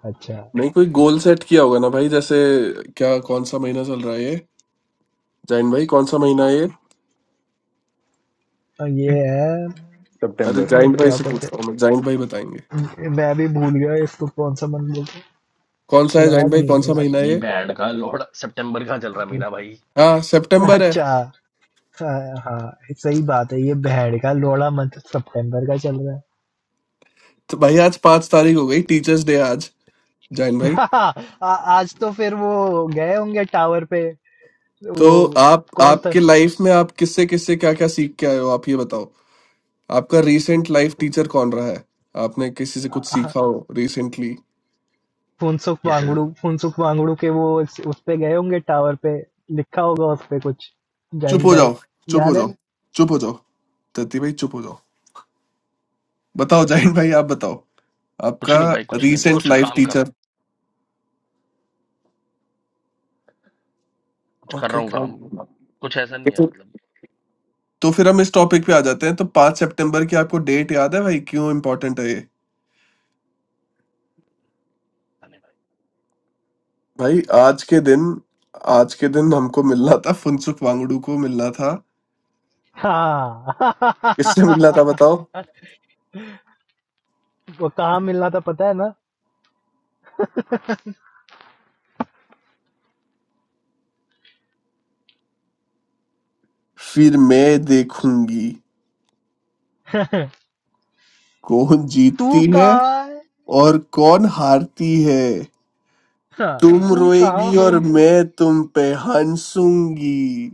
[SPEAKER 2] अच्छा,
[SPEAKER 1] नहीं कोई गोल सेट किया होगा ना भाई जैसे क्या कौन सा महीना चल रहा है ये जैन भाई कौन सा महीना है ये
[SPEAKER 2] अ, ये है
[SPEAKER 1] अरे
[SPEAKER 7] सितंबर
[SPEAKER 2] उम,
[SPEAKER 1] जैन भाई
[SPEAKER 2] क्या
[SPEAKER 1] से
[SPEAKER 2] बोलते
[SPEAKER 1] पूछता हूँ मैं जैन भाई बताएंगे
[SPEAKER 2] हैं उम, मैं भी भूल गया इसको कौन-सा मंथ बोलते हैं,
[SPEAKER 1] कौन सा है जैन
[SPEAKER 2] श्राद्ध
[SPEAKER 1] भाई कौन
[SPEAKER 2] नहीं
[SPEAKER 1] सा
[SPEAKER 9] यार
[SPEAKER 1] महीना है
[SPEAKER 9] ये
[SPEAKER 1] ये
[SPEAKER 9] बैंड का लोड सितंबर का चल रहा है मेरा भाई
[SPEAKER 1] हाँ
[SPEAKER 2] है।
[SPEAKER 1] सितंबर है
[SPEAKER 2] अच्छा। हाँ हाँ, सही बात है ये भेड़ का लोड़ा मंथ सितंबर का चल रहा है
[SPEAKER 1] तो भाई आज पांच तारीख हो गई टीचर्स डे आज जैन भाई
[SPEAKER 2] आ, आज तो फिर वो गए होंगे टावर पे
[SPEAKER 1] तो
[SPEAKER 2] वो
[SPEAKER 1] आप
[SPEAKER 2] कौन था
[SPEAKER 1] आपके लाइफ में आप किससे किससे क्या क्या सीख के आए हो आप ये बताओ आपका रीसेंट लाइफ टीचर कौन रहा है आपने किसी से कुछ
[SPEAKER 2] आ,
[SPEAKER 1] सीखा हो रिसेंटली
[SPEAKER 2] फुनसुक
[SPEAKER 9] ये से-
[SPEAKER 2] वांगड़ू फुनसुक वांगड़ू के वो उस उस पे गए होंगे टावर पे लिखा होगा उस पे कुछ
[SPEAKER 1] चुप
[SPEAKER 2] जाइंट
[SPEAKER 1] हो
[SPEAKER 2] भाई
[SPEAKER 1] जाओ चुप हो
[SPEAKER 2] याद है
[SPEAKER 1] जाओ
[SPEAKER 2] ना
[SPEAKER 1] चुप हो जाओ दत्ती भाई चुप हो जाओ बताओ जैन भाई आप बताओ
[SPEAKER 9] कुछ
[SPEAKER 1] आपका
[SPEAKER 9] नहीं भाई कुछ नहीं मैं
[SPEAKER 1] रीसेंट
[SPEAKER 9] कुछ
[SPEAKER 1] लाइफ
[SPEAKER 9] काम कर रहा
[SPEAKER 1] टीचर
[SPEAKER 9] हूँ कुछ कर रहा
[SPEAKER 1] ओके
[SPEAKER 9] हूँ काम कुछ ऐसा नहीं है मतलब
[SPEAKER 1] तो फिर हम इस टॉपिक पे आ जाते हैं तो पांच सितंबर की आपको डेट याद है भाई क्यों इम्पोर्टेंट है ये
[SPEAKER 9] पता नहीं भाई
[SPEAKER 1] भाई आज के दिन आज के दिन हमको मिलना था फुनसुक वांगडू को मिलना था किससे मिलना था
[SPEAKER 2] हाँ
[SPEAKER 1] बताओ
[SPEAKER 2] वो कहाँ मिलना था पता है ना
[SPEAKER 1] फिर मैं देखूंगी कौन
[SPEAKER 2] तू
[SPEAKER 1] जीतती है
[SPEAKER 2] कहाँ है
[SPEAKER 1] और कौन हारती है
[SPEAKER 2] हाँ,
[SPEAKER 1] तुम
[SPEAKER 2] तू कहाँ
[SPEAKER 1] रोएगी
[SPEAKER 2] हो
[SPEAKER 1] और मैं तुम पे हंसूंगी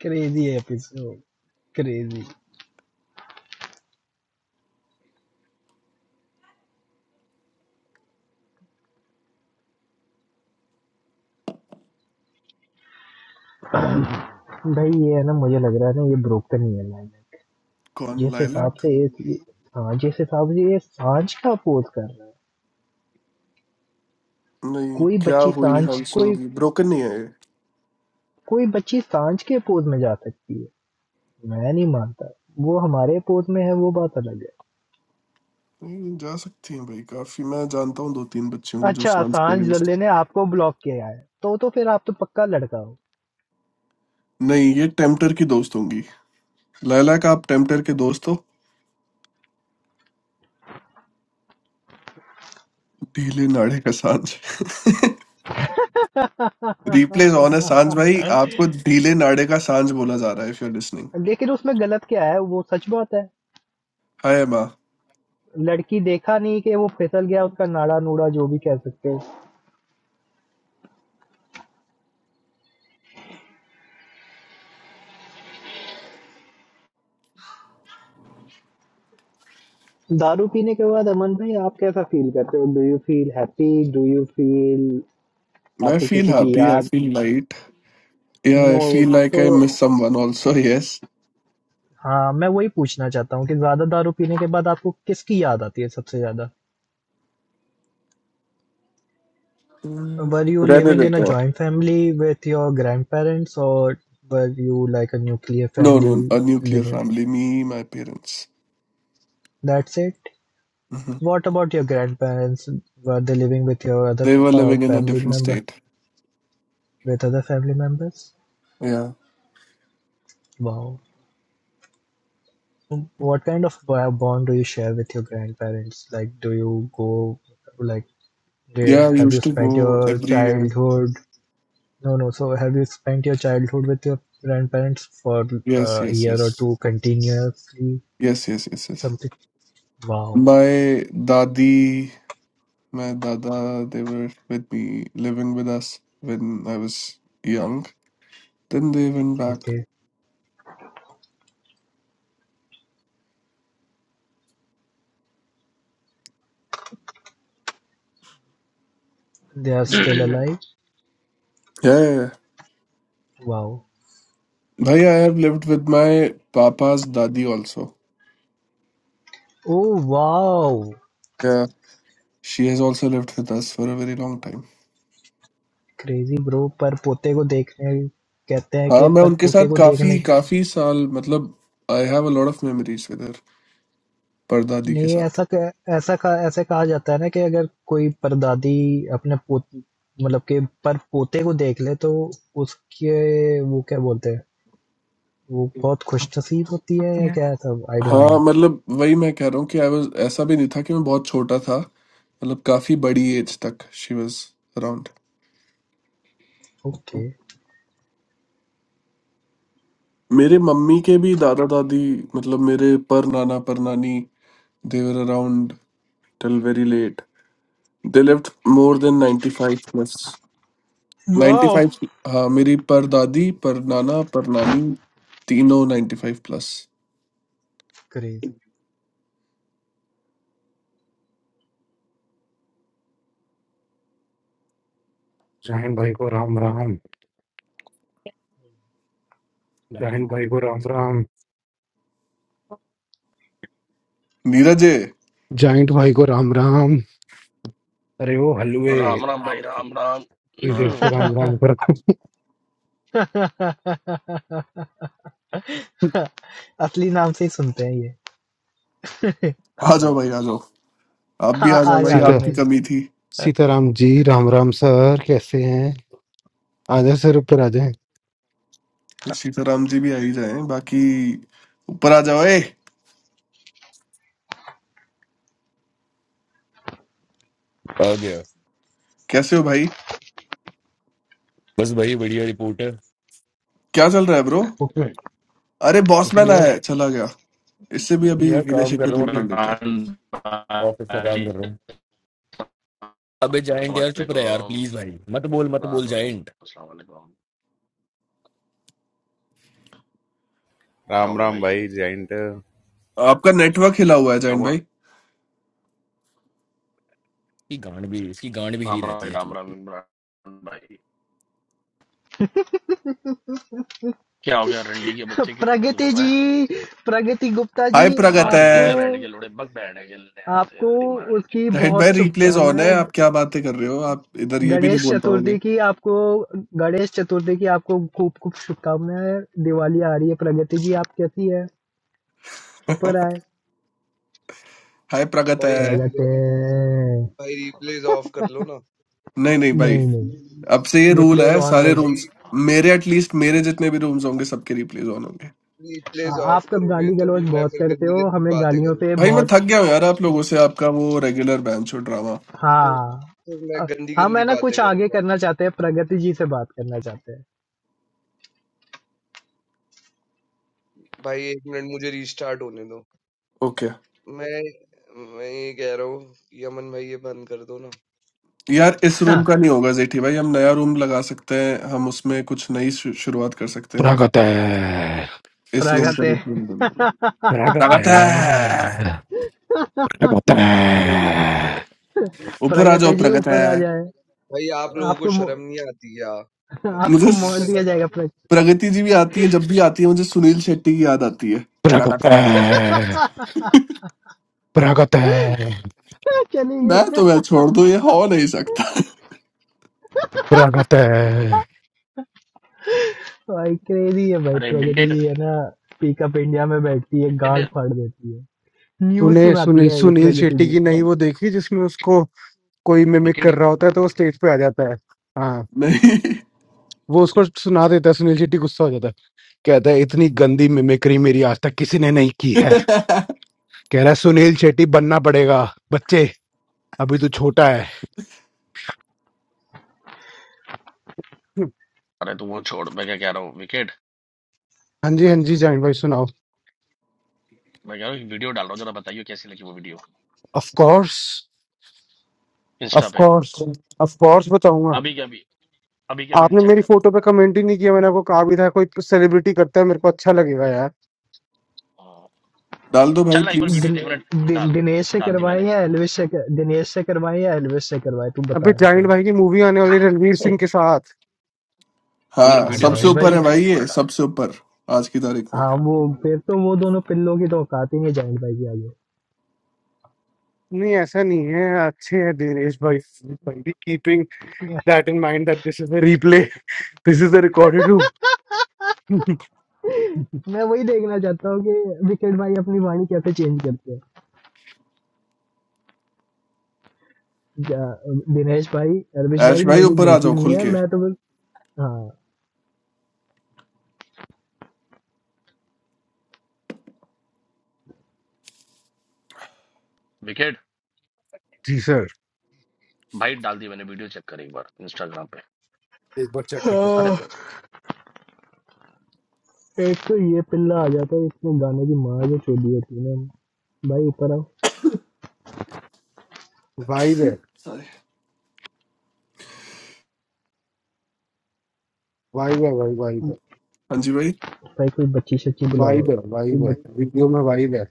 [SPEAKER 2] क्रेजी एपिसोड क्रेजी भाई ये है ना मुझे लग रहा है ना ये ब्रोकन ही है लाइक
[SPEAKER 1] कौन
[SPEAKER 2] जिस हिसाब
[SPEAKER 1] लाइलैक
[SPEAKER 2] से ये हाँ जिस हिसाब से ये सांझ का अपोज कर रहा है
[SPEAKER 1] नहीं
[SPEAKER 2] कोई
[SPEAKER 1] क्या
[SPEAKER 2] बच्ची
[SPEAKER 1] हुई
[SPEAKER 2] सांझ कोई
[SPEAKER 1] हंसूंगी ब्रोकन नहीं है ये।
[SPEAKER 2] कोई बच्ची सांझ के अपोज में जा सकती है मैं नहीं मानता वो हमारे अपोज में है वो बात अलग है
[SPEAKER 1] नहीं जा सकती है भाई काफी मैं जानता हूँ दो तीन बच्चियों को जो
[SPEAKER 2] अच्छा
[SPEAKER 1] डांस
[SPEAKER 2] सांझ
[SPEAKER 1] करेंगे
[SPEAKER 2] दल्ले ने आपको ब्लॉक किया है तो तो फिर आप तो पक्का लड़का हो
[SPEAKER 1] नहीं ये टेम्पटर की दोस्त होंगी लाइलैक आप टेम्पटर के दोस्त हो ढीले नाड़े का सांझ रिप्लेस ऑन है सांझ भाई आपको ढीले नाड़े का सांझ बोला जा रहा है इफ यू आर लिसनिंग
[SPEAKER 2] लेकिन उसमें गलत क्या है वो सच बात है
[SPEAKER 1] हाय अम्मा
[SPEAKER 2] लड़की देखा नहीं कि वो फिसल गया उसका नाड़ा नूड़ा जो भी कह सकते हो दारू पीने के बाद अमन भाई आप कैसा फील करते हो do you feel happy do you feel
[SPEAKER 1] I
[SPEAKER 2] आपको
[SPEAKER 1] फील
[SPEAKER 2] किसी की
[SPEAKER 1] हैप्पी आई
[SPEAKER 2] याद
[SPEAKER 1] फील लाइट या
[SPEAKER 2] नो
[SPEAKER 1] आई फील लाइक
[SPEAKER 2] तो
[SPEAKER 1] I miss someone also yes
[SPEAKER 2] हाँ मैं वही पूछना चाहता हूँ कि ज्यादा दारू पीने के बाद आपको किसकी याद आती है सबसे ज्यादा were you living in a joint family with your grand parents और were you like a nuclear
[SPEAKER 1] no no
[SPEAKER 2] family
[SPEAKER 1] a nuclear
[SPEAKER 2] living
[SPEAKER 1] family me my parents
[SPEAKER 2] that's it what about your grand parents were they living with your other
[SPEAKER 1] they were living in a
[SPEAKER 2] family
[SPEAKER 1] different
[SPEAKER 2] member
[SPEAKER 1] state
[SPEAKER 2] with other family members
[SPEAKER 1] या
[SPEAKER 2] वाह And What kind of bo- bond do you share with your grandparents? Like, do you go, like, they
[SPEAKER 1] या I
[SPEAKER 2] have you
[SPEAKER 1] used to
[SPEAKER 2] spent
[SPEAKER 1] go
[SPEAKER 2] your
[SPEAKER 1] every year
[SPEAKER 2] childhood? No, no. So, have you spent your childhood with your grandparents for
[SPEAKER 1] yes
[SPEAKER 2] uh, a
[SPEAKER 1] yes
[SPEAKER 2] year
[SPEAKER 1] yes
[SPEAKER 2] or two continuously?
[SPEAKER 1] Yes yes yes yes
[SPEAKER 2] Something. Wow.
[SPEAKER 1] My dadi my dada they were with me living with us when i was young Then they went back.
[SPEAKER 2] Okay. They are still alive?
[SPEAKER 1] Yeah, yeah, yeah.
[SPEAKER 2] Wow.
[SPEAKER 1] Bhai, I have lived with my papa's dadi also.
[SPEAKER 2] Oh, wow.
[SPEAKER 1] Yeah. She has also lived with us for a very long time.
[SPEAKER 2] Crazy bro पर पोते को देखने कहते हैं कि
[SPEAKER 1] हाँ मैं
[SPEAKER 2] पर
[SPEAKER 1] उनके
[SPEAKER 2] पोते
[SPEAKER 1] साथ
[SPEAKER 2] को
[SPEAKER 1] काफी
[SPEAKER 2] देखने
[SPEAKER 1] काफी साल मतलब I have a lot of memories with her परदादी के
[SPEAKER 2] नहीं
[SPEAKER 1] साथ
[SPEAKER 2] ऐसा कह, ऐसा कहा ऐसे कहा जाता है ना कि अगर कोई परदादी अपने पोत मतलब के पर पोते को देख ले तो उसके वो क्या बोलते हैं वो बहुत खुश नसीब होती है या क्या ऐसा आई डोंट नो
[SPEAKER 1] हाँ मतलब वही मैं कह रहा हूँ कि आई वाज ऐसा भी नहीं था कि मैं बहुत छोटा था मतलब काफी बड़ी एज तक शी वाज अराउंड
[SPEAKER 2] ओके
[SPEAKER 1] मेरे मम्मी के भी दादा दादी मतलब मेरे पर नाना पर नानी they were around till very late they lived more than 95 plus
[SPEAKER 2] wow
[SPEAKER 1] 95 हाँ मेरी पर दादी पर नाना पर नानी तीनों 95 प्लस
[SPEAKER 2] क्रेजी
[SPEAKER 8] जाहिन भाई को राम राम जाहिन भाई को राम राम
[SPEAKER 1] नीरज है?
[SPEAKER 8] जाइंट भाई को राम राम अरे वो हलवे
[SPEAKER 9] राम राम भाई
[SPEAKER 8] इतनी
[SPEAKER 9] राम राम
[SPEAKER 8] देर
[SPEAKER 1] हाँ
[SPEAKER 8] से
[SPEAKER 9] क्या
[SPEAKER 8] राम
[SPEAKER 9] हाल
[SPEAKER 8] राम
[SPEAKER 9] है
[SPEAKER 8] कर रहा हूँ।
[SPEAKER 2] असली नाम से ही सुनते हैं ये
[SPEAKER 1] आ जाओ भाई
[SPEAKER 9] हम्म।
[SPEAKER 1] आ जाओ आप भी
[SPEAKER 2] हाँ,
[SPEAKER 1] आ
[SPEAKER 2] आ,
[SPEAKER 1] जाओ
[SPEAKER 2] आज
[SPEAKER 1] भाई
[SPEAKER 2] आगे
[SPEAKER 8] सीता
[SPEAKER 1] आपकी
[SPEAKER 2] मेरा
[SPEAKER 1] कमी थी
[SPEAKER 8] सीताराम जी राम राम सर कैसे हैं आ जाए सर ऊपर आ जाए
[SPEAKER 1] सीताराम जी भी आ ही जाए बाकी ऊपर आ जाओ ए
[SPEAKER 10] आ गया
[SPEAKER 1] कैसे हो भाई
[SPEAKER 10] बस वही बढ़िया रिपोर्ट है
[SPEAKER 1] क्या चल रहा है ब्रो
[SPEAKER 9] हम्म।
[SPEAKER 1] अरे बॉस
[SPEAKER 10] लेकिन
[SPEAKER 1] मैन आया
[SPEAKER 10] यार
[SPEAKER 1] है चला गया इससे भी अभी
[SPEAKER 10] यार
[SPEAKER 1] गिले
[SPEAKER 10] काम कर
[SPEAKER 1] शिकवे
[SPEAKER 10] रहा हूँ
[SPEAKER 1] दूर
[SPEAKER 10] अभी
[SPEAKER 1] कर लेते
[SPEAKER 9] इमरान
[SPEAKER 1] हैं
[SPEAKER 10] ऑफिस का काम
[SPEAKER 9] भाई
[SPEAKER 10] कर रहा हूँ
[SPEAKER 9] अस्सलाम
[SPEAKER 10] अबे जाइंट यार चुप रहे यार
[SPEAKER 9] वालेकुम
[SPEAKER 10] प्लीज भाई मत बोल मत
[SPEAKER 9] इमरान
[SPEAKER 10] बोल
[SPEAKER 9] भाई
[SPEAKER 10] जाइंट
[SPEAKER 9] अस्सलाम वालेकुम क्या हो
[SPEAKER 11] Ram
[SPEAKER 9] गया
[SPEAKER 11] Ram,
[SPEAKER 9] भाई
[SPEAKER 11] boy, giant.
[SPEAKER 1] आपका नेटवर्क हिला हुआ है
[SPEAKER 9] क्या
[SPEAKER 1] जैन
[SPEAKER 9] हुआ
[SPEAKER 1] भाई
[SPEAKER 10] इसकी गांड भी इसकी गांड भी हिली
[SPEAKER 9] राम राम
[SPEAKER 10] रहती
[SPEAKER 9] भाई,
[SPEAKER 10] है चूत।
[SPEAKER 9] राम राम इमरान भाई क्या हो गया रंडी के बच्चे क्यों काम कर
[SPEAKER 2] प्रगति
[SPEAKER 9] रहा
[SPEAKER 2] जी
[SPEAKER 9] है
[SPEAKER 2] प्रगति गुप्ता जी
[SPEAKER 1] हाय
[SPEAKER 9] अपनी माँ
[SPEAKER 1] प्रगत
[SPEAKER 9] चुद गई
[SPEAKER 2] आपको
[SPEAKER 1] है
[SPEAKER 9] क्या बैठने के लोड़े बक बैठने के लिए यहाँ से
[SPEAKER 2] आपको
[SPEAKER 9] अरे माँ के चुद
[SPEAKER 2] उसकी
[SPEAKER 1] राइट
[SPEAKER 9] करी
[SPEAKER 1] भाई
[SPEAKER 2] बहुत
[SPEAKER 1] रिप्लेस ऑन है
[SPEAKER 2] शुभकामनाएं
[SPEAKER 1] आप क्या बातें कर रहे हो आप इधर ये भी नहीं
[SPEAKER 2] गणेश
[SPEAKER 1] बोल पाओगे
[SPEAKER 2] चतुर्थी की आपको गणेश चतुर्थी की आपको खूब खूब शुभकामनाएं दिवाली आ रही है प्रगति जी आप कैसी है ऊपर आए
[SPEAKER 1] हाय प्रगत
[SPEAKER 12] भाई
[SPEAKER 1] है
[SPEAKER 12] रिप्ले
[SPEAKER 2] प्रगति
[SPEAKER 12] भाई रिप्लेस ऑफ कर लो ना
[SPEAKER 1] नहीं नहीं भाई
[SPEAKER 2] नहीं नहीं
[SPEAKER 1] अब से ये
[SPEAKER 2] ये
[SPEAKER 1] रूल
[SPEAKER 2] प्लेस
[SPEAKER 1] है
[SPEAKER 2] ऑन
[SPEAKER 1] सारे
[SPEAKER 2] रहेगी
[SPEAKER 12] भाई
[SPEAKER 1] रूम्स मेरे एटलीस्ट मेरे जितने भी रूम्स होंगे सबके रिप्लेस ऑन होंगे
[SPEAKER 12] रिप्लेस
[SPEAKER 2] आ-
[SPEAKER 12] ऑफ
[SPEAKER 2] आप सब
[SPEAKER 12] करोगे
[SPEAKER 2] गाली
[SPEAKER 12] तो
[SPEAKER 2] गलौज
[SPEAKER 12] मैं
[SPEAKER 2] बहुत
[SPEAKER 12] फिर
[SPEAKER 2] करते
[SPEAKER 12] गंदी
[SPEAKER 2] हो
[SPEAKER 12] गंदी
[SPEAKER 2] हमें
[SPEAKER 12] बातें
[SPEAKER 2] गालियों
[SPEAKER 12] करूंगा
[SPEAKER 2] पे
[SPEAKER 1] भाई मैं
[SPEAKER 2] बहुत
[SPEAKER 1] थक गया हूँ यार आप लोगों से आपका वो रेगुलर बैंच और ड्रामा
[SPEAKER 12] फिर
[SPEAKER 2] हाँ
[SPEAKER 12] फिर मैं
[SPEAKER 2] अ-
[SPEAKER 12] गंदी
[SPEAKER 2] हम
[SPEAKER 12] गंदी
[SPEAKER 2] है ना
[SPEAKER 12] बातें
[SPEAKER 2] कुछ आगे
[SPEAKER 12] करूंगा
[SPEAKER 2] करना चाहते हैं प्रगति जी से बात करना चाहते हैं
[SPEAKER 12] भाई एक मिनट मुझे रीस्टार्ट होने दो
[SPEAKER 1] ओके
[SPEAKER 12] मैं मैं ये कह रहा हूँ कि अमन भाई ये बंद कर दो ना
[SPEAKER 1] यार इस
[SPEAKER 2] हाँ,
[SPEAKER 1] रूम का नहीं होगा जेठी भाई हम नया रूम लगा सकते हैं हम उसमें कुछ नई शु- शुरुआत कर सकते हैं बट
[SPEAKER 8] स्वागत है
[SPEAKER 1] इस रूम का
[SPEAKER 2] प्रगति
[SPEAKER 1] रिप्ले नहीं बंद होगा
[SPEAKER 8] स्वागत
[SPEAKER 1] प्रगत है
[SPEAKER 8] है स्वागत है
[SPEAKER 1] ऊपर आ जाओ
[SPEAKER 2] प्रगति जी
[SPEAKER 1] प्रगत
[SPEAKER 2] ऊपर
[SPEAKER 1] है
[SPEAKER 2] आ जाए
[SPEAKER 12] भाई आप लोगों को
[SPEAKER 2] आपको
[SPEAKER 12] शर्म
[SPEAKER 2] मो-
[SPEAKER 12] नहीं आती क्या मतलब
[SPEAKER 2] आपको
[SPEAKER 12] मुझे
[SPEAKER 2] मोड़
[SPEAKER 1] मुझे
[SPEAKER 2] दिया
[SPEAKER 12] शर्म आ
[SPEAKER 2] जाएगा
[SPEAKER 12] गई
[SPEAKER 2] प्रगति
[SPEAKER 1] प्रगति जी भी आती है जब भी आती है मुझे सुनील शेट्टी की याद आती है
[SPEAKER 8] स्वागत
[SPEAKER 1] प्रगति
[SPEAKER 8] है स्वागत है
[SPEAKER 2] चली
[SPEAKER 1] मैं
[SPEAKER 2] गई
[SPEAKER 1] तो मैं छोड़ दूं ये हो नहीं सकता
[SPEAKER 8] स्वागत है
[SPEAKER 2] भाई क्रेजी है भाई
[SPEAKER 9] अरे
[SPEAKER 2] प्रगति
[SPEAKER 9] विकेट
[SPEAKER 2] जी है ना पिकअप इंडिया में बैठती है
[SPEAKER 9] विकेट
[SPEAKER 2] गार्ड फाड़ देती है न्यूज
[SPEAKER 8] तूने
[SPEAKER 2] सुनाती
[SPEAKER 8] सुनील
[SPEAKER 2] है ये
[SPEAKER 8] सुनील
[SPEAKER 2] प्रगति
[SPEAKER 8] शेट्टी
[SPEAKER 2] जी
[SPEAKER 8] की नई वो देखी जिसमें उसको कोई मिमिक
[SPEAKER 9] विकेट
[SPEAKER 8] कर रहा होता है तो वो स्टेज पे आ जाता है हाँ
[SPEAKER 1] नहीं
[SPEAKER 8] वो उसको सुना देता है सुनील शेट्टी गुस्सा हो जाता है कहता है इतनी गंदी मिमिक्री मेरी आज तक किसी ने नहीं की है कह रहा है सुनील शेट्टी बनना पड़ेगा बच्चे अभी तो छोटा है हम्म।
[SPEAKER 9] अरे तू वो छोड़ मैं क्या कह रहा हूँ विकेट
[SPEAKER 8] हाँ जी हाँ जी जाइन भाई सुनाओ
[SPEAKER 9] मैं कह रहा हूँ वीडियो डाल रहा हूँ जरा बताइए कैसी लगी वो video
[SPEAKER 8] of course
[SPEAKER 9] insta
[SPEAKER 8] of
[SPEAKER 9] पे
[SPEAKER 8] कोर्स ऑफ कोर्स बताऊंगा
[SPEAKER 9] अभी क्या अभी अभी क्या अभी
[SPEAKER 8] आपने
[SPEAKER 9] चेक
[SPEAKER 8] मेरी
[SPEAKER 9] कर
[SPEAKER 8] फोटो पे कमेंट ही नहीं किया मैंने आपको कहा भी था कोई सेलिब्रिटी करता है मेरे को अच्छा लगेगा यार
[SPEAKER 9] हाँ।
[SPEAKER 1] डाल दो भाई
[SPEAKER 9] चल ना एक बार
[SPEAKER 1] प्लीज
[SPEAKER 9] वीडियो
[SPEAKER 2] दिन,
[SPEAKER 9] देख मैंने
[SPEAKER 2] दिन,
[SPEAKER 9] डाल
[SPEAKER 2] दिनेश से
[SPEAKER 9] डाल दी
[SPEAKER 2] करवाए
[SPEAKER 9] मैंने
[SPEAKER 2] या एलविश से कर, दिनेश से करवाए या एलविश से करवाए तू
[SPEAKER 8] अभी
[SPEAKER 2] बता एक
[SPEAKER 8] जाइन
[SPEAKER 2] बार
[SPEAKER 8] भाई की मूवी आने वाली है रणवीर सिंह के साथ
[SPEAKER 9] तुमने
[SPEAKER 1] हाँ
[SPEAKER 2] हाँ
[SPEAKER 9] वीडियो तो
[SPEAKER 1] सबसे
[SPEAKER 2] जाइंट
[SPEAKER 9] देख
[SPEAKER 2] भाई
[SPEAKER 9] पहले
[SPEAKER 1] ऊपर
[SPEAKER 2] भी
[SPEAKER 1] है भाई
[SPEAKER 9] तुमने
[SPEAKER 1] ये
[SPEAKER 9] डाले
[SPEAKER 1] सबसे ऊपर आज की तारीख में
[SPEAKER 2] हाँ वो फिर तो वो दोनों पिल्लों की तो औकात ही नहीं जाइंट भाई के आगे
[SPEAKER 8] नहीं ऐसा नहीं है अच्छे हैं दिनेश भाई भाई भी कीपिंग
[SPEAKER 2] मैं
[SPEAKER 8] that in mind that this is a replay this is a recorded room
[SPEAKER 2] मैं वही देखना चाहता हूँ कि विकेट भाई अपनी वाणी कैसे चेंज करते हैं जा- दिनेश भाई एलविश भाई
[SPEAKER 1] ऐश भाई
[SPEAKER 2] मेरी
[SPEAKER 1] ऊपर आ
[SPEAKER 2] गलती
[SPEAKER 1] जाओ
[SPEAKER 2] नहीं
[SPEAKER 1] खुल
[SPEAKER 2] है
[SPEAKER 1] के
[SPEAKER 2] मैं तो बस
[SPEAKER 9] विकेट
[SPEAKER 8] जी सर।
[SPEAKER 9] भाई डाल दी मैंने वीडियो चेक कर एक बार इंस्टाग्राम पे
[SPEAKER 8] एक बार चेक कर लेता
[SPEAKER 9] सारे
[SPEAKER 2] हाँ
[SPEAKER 8] हूँ।
[SPEAKER 9] देख
[SPEAKER 2] एक तो ये पिल्ला आ जाता है इसमें गाने की मार जो चोली होती है ना भाई ऊपर आओ
[SPEAKER 8] वाइब है
[SPEAKER 1] हाँ
[SPEAKER 8] वाइब है भाई वाइब है
[SPEAKER 1] जी भाई
[SPEAKER 2] भाई कोई बच्ची सच्ची बुलाओ
[SPEAKER 8] वाइब है
[SPEAKER 2] कोई
[SPEAKER 8] वाइब
[SPEAKER 2] बच-
[SPEAKER 8] है वीडियो में वाइब है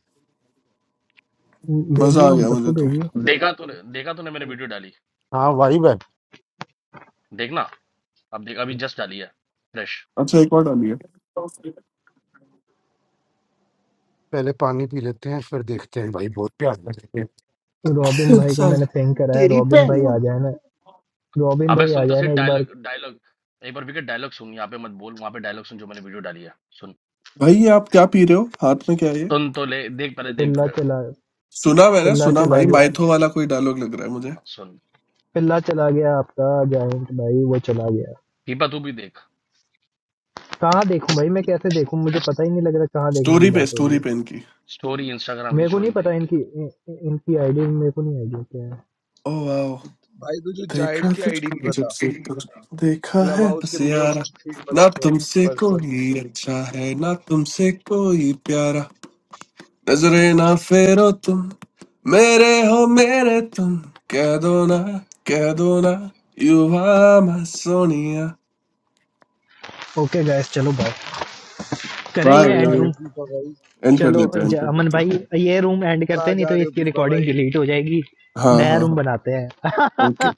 [SPEAKER 1] मजा
[SPEAKER 2] भेजिए
[SPEAKER 1] आ
[SPEAKER 2] हम
[SPEAKER 1] गया मुझे
[SPEAKER 2] सबको
[SPEAKER 1] तो
[SPEAKER 2] भेजिए
[SPEAKER 9] देखा तूने देखा तूने मैंने वीडियो डाली
[SPEAKER 8] हाँ वाइब है
[SPEAKER 9] देखना अब देख अभी जस्ट डाली है फ्रेश
[SPEAKER 1] अच्छा एक और डालिए
[SPEAKER 8] पहले पानी पी लेते हैं फिर देखते हैं भाई बहुत प्यास लग रही है
[SPEAKER 2] रॉबिन भाई को मैंने पिंग करा है
[SPEAKER 8] तेरी
[SPEAKER 2] रॉबिन भाई
[SPEAKER 8] भैन
[SPEAKER 2] आ जाए ना रॉबिन
[SPEAKER 9] अबे
[SPEAKER 2] भाई आ
[SPEAKER 9] सुन तो
[SPEAKER 2] जाए ना
[SPEAKER 9] सिर्फ
[SPEAKER 2] एक बार
[SPEAKER 9] डायलॉग डायलॉग एक बार विकेट डायलॉग सुन यहाँ पे मत बोल वहां पे डायलॉग सुन जो मैंने वीडियो डाली है सुन
[SPEAKER 1] भाई ये आप क्या पी रहे हो हाथ में क्या है ये
[SPEAKER 9] सुन तो ले देख पहले देख
[SPEAKER 2] पिल्ला
[SPEAKER 9] पहले
[SPEAKER 2] चला
[SPEAKER 9] हाँ,
[SPEAKER 1] सुना मैंने
[SPEAKER 2] पिल्ला
[SPEAKER 1] सुना
[SPEAKER 2] चला
[SPEAKER 1] भाई
[SPEAKER 2] गया
[SPEAKER 1] माइथो वाला कोई डायलॉग लग रहा है मुझे
[SPEAKER 9] सुन
[SPEAKER 2] पिल्ला चला गया आपका जायंट भाई वो चला गया
[SPEAKER 9] पीपा तू भी देख
[SPEAKER 2] कहाँ देखूं भाई मैं कैसे देखूं मुझे पता ही नहीं लग रहा कहाँ देखने की
[SPEAKER 1] स्टोरी पे
[SPEAKER 2] बात हो रही
[SPEAKER 1] स्टोरी
[SPEAKER 2] है
[SPEAKER 1] पे इनकी
[SPEAKER 9] स्टोरी इंस्टाग्राम की
[SPEAKER 2] मेरे को नहीं
[SPEAKER 9] स्टोरी
[SPEAKER 2] पता
[SPEAKER 9] देख के
[SPEAKER 2] इनकी इ- इ- इनकी आईडी मेरे को नहीं आईडिया क्या है
[SPEAKER 1] ओ वाह
[SPEAKER 12] भाई तुझे
[SPEAKER 1] देखा
[SPEAKER 12] जायंट की आईडी नहीं
[SPEAKER 1] तुझको जब
[SPEAKER 12] पता
[SPEAKER 1] से तुझको देखा
[SPEAKER 12] क्लब
[SPEAKER 1] है
[SPEAKER 12] हाउस के
[SPEAKER 1] बस यारा
[SPEAKER 12] मोस्ट
[SPEAKER 1] ना
[SPEAKER 12] फेमस
[SPEAKER 1] तुमसे
[SPEAKER 12] पर्सन
[SPEAKER 1] कोई अच्छा है ना तुमसे कोई प्यारा नजरे ना फेरो तुम मेरे हो मेरे तुम कह दो ना कह दो ना युवा मैं सोनिया
[SPEAKER 2] ओके गैस चलो बाय करें
[SPEAKER 1] बाय
[SPEAKER 2] ये
[SPEAKER 12] कहाँ जा
[SPEAKER 2] एंड
[SPEAKER 12] रहे
[SPEAKER 2] रूम
[SPEAKER 12] हो पीपा भाई
[SPEAKER 1] एंड कर
[SPEAKER 2] चलो
[SPEAKER 1] देते हैं एंड
[SPEAKER 2] ज-
[SPEAKER 1] कर
[SPEAKER 2] अमन
[SPEAKER 1] देते हैं
[SPEAKER 2] भाई ये रूम एंड करते
[SPEAKER 12] कहाँ
[SPEAKER 2] हैं, नहीं
[SPEAKER 12] जा
[SPEAKER 2] तो
[SPEAKER 12] रहे हो
[SPEAKER 2] इसकी
[SPEAKER 12] पीपा भाई
[SPEAKER 2] रिकॉर्डिंग डिलीट हो जाएगी
[SPEAKER 1] हाँ
[SPEAKER 2] नया
[SPEAKER 1] हाँ
[SPEAKER 2] रूम बनाते हैं
[SPEAKER 1] हाँ ओके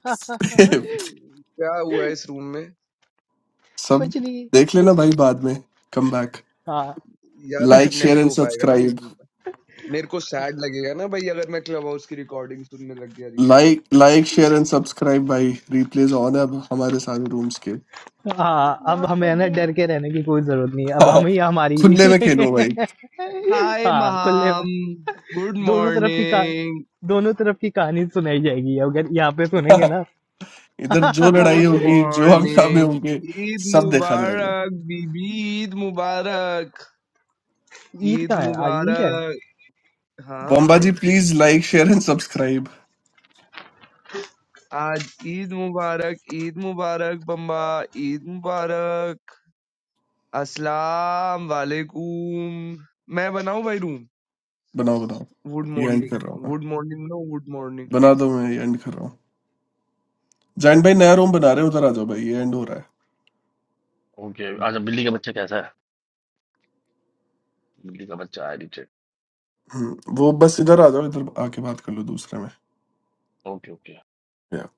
[SPEAKER 12] क्या हुआ है इस रूम में
[SPEAKER 1] सब
[SPEAKER 2] कुछ नहीं
[SPEAKER 1] देख लेना भाई बाद में कम बैक
[SPEAKER 2] हाँ
[SPEAKER 12] यार
[SPEAKER 1] लाइक शेयर
[SPEAKER 12] नहीं
[SPEAKER 1] एंड
[SPEAKER 12] हो पाएगा ना
[SPEAKER 1] सब्सक्राइब
[SPEAKER 12] मेरे को मेरे को सैड लगेगा ना भाई अगर मैं क्लब हाउस की रिकॉर्डिंग सुनने लग गया replay
[SPEAKER 1] like like share and subscribe भाई रिप्लेस ऑन है अब हमारे सारे रूम्स के
[SPEAKER 2] हाँ अब
[SPEAKER 12] यार
[SPEAKER 2] हमें ना
[SPEAKER 12] पगला।
[SPEAKER 2] डर के रहने की कोई जरूरत नहीं है अब हम ही हमारी
[SPEAKER 1] खुले में खेलो भाई
[SPEAKER 12] हाय
[SPEAKER 2] हाँ खुले में
[SPEAKER 12] महाम गुड
[SPEAKER 2] दोनों तरफ की का
[SPEAKER 12] मॉर्निंग
[SPEAKER 2] दोनों तरफ की कहानी सुनाई जाएगी अगर यहाँ पे सुनेंगे ना
[SPEAKER 1] इधर जो लड़ाई
[SPEAKER 12] गुड
[SPEAKER 1] होगी जो हंगामे
[SPEAKER 12] मॉर्निंग
[SPEAKER 1] होंगे
[SPEAKER 12] ईद
[SPEAKER 1] सब देखा जाएगा
[SPEAKER 12] मुबारक बीबी ईद मुबारक
[SPEAKER 2] ईद
[SPEAKER 12] ईद
[SPEAKER 2] कहाँ है आज ईद है
[SPEAKER 12] मुबारक हाँ
[SPEAKER 1] बॉम्बा जी
[SPEAKER 12] भाई
[SPEAKER 1] please like share and subscribe
[SPEAKER 12] आज ईद मुबारक ईद मुबारक बम्बा ईद मुबारक अस्सलाम वालेकुम मैं बनाऊं भाई रूम
[SPEAKER 1] बनाओ बनाओ
[SPEAKER 12] Wood
[SPEAKER 1] ये एंड
[SPEAKER 12] morning.
[SPEAKER 1] कर रहा हूँ मैं
[SPEAKER 12] Wood morning, no wood morning.
[SPEAKER 1] बना दो मैं ये एंड कर रहा हूँ जैन भाई नया रूम बना रहे हो उधर आ जाओ भाई ये एंड हो रहा है
[SPEAKER 9] ओके अच्छा बिल्ली का बच्चा कैसा है बिल्ली का बच्चा आई
[SPEAKER 1] हम्म, वो बस इधर आ जाओ इधर आके बात कर लो दूसरे में
[SPEAKER 9] ओके ओके
[SPEAKER 1] Yeah।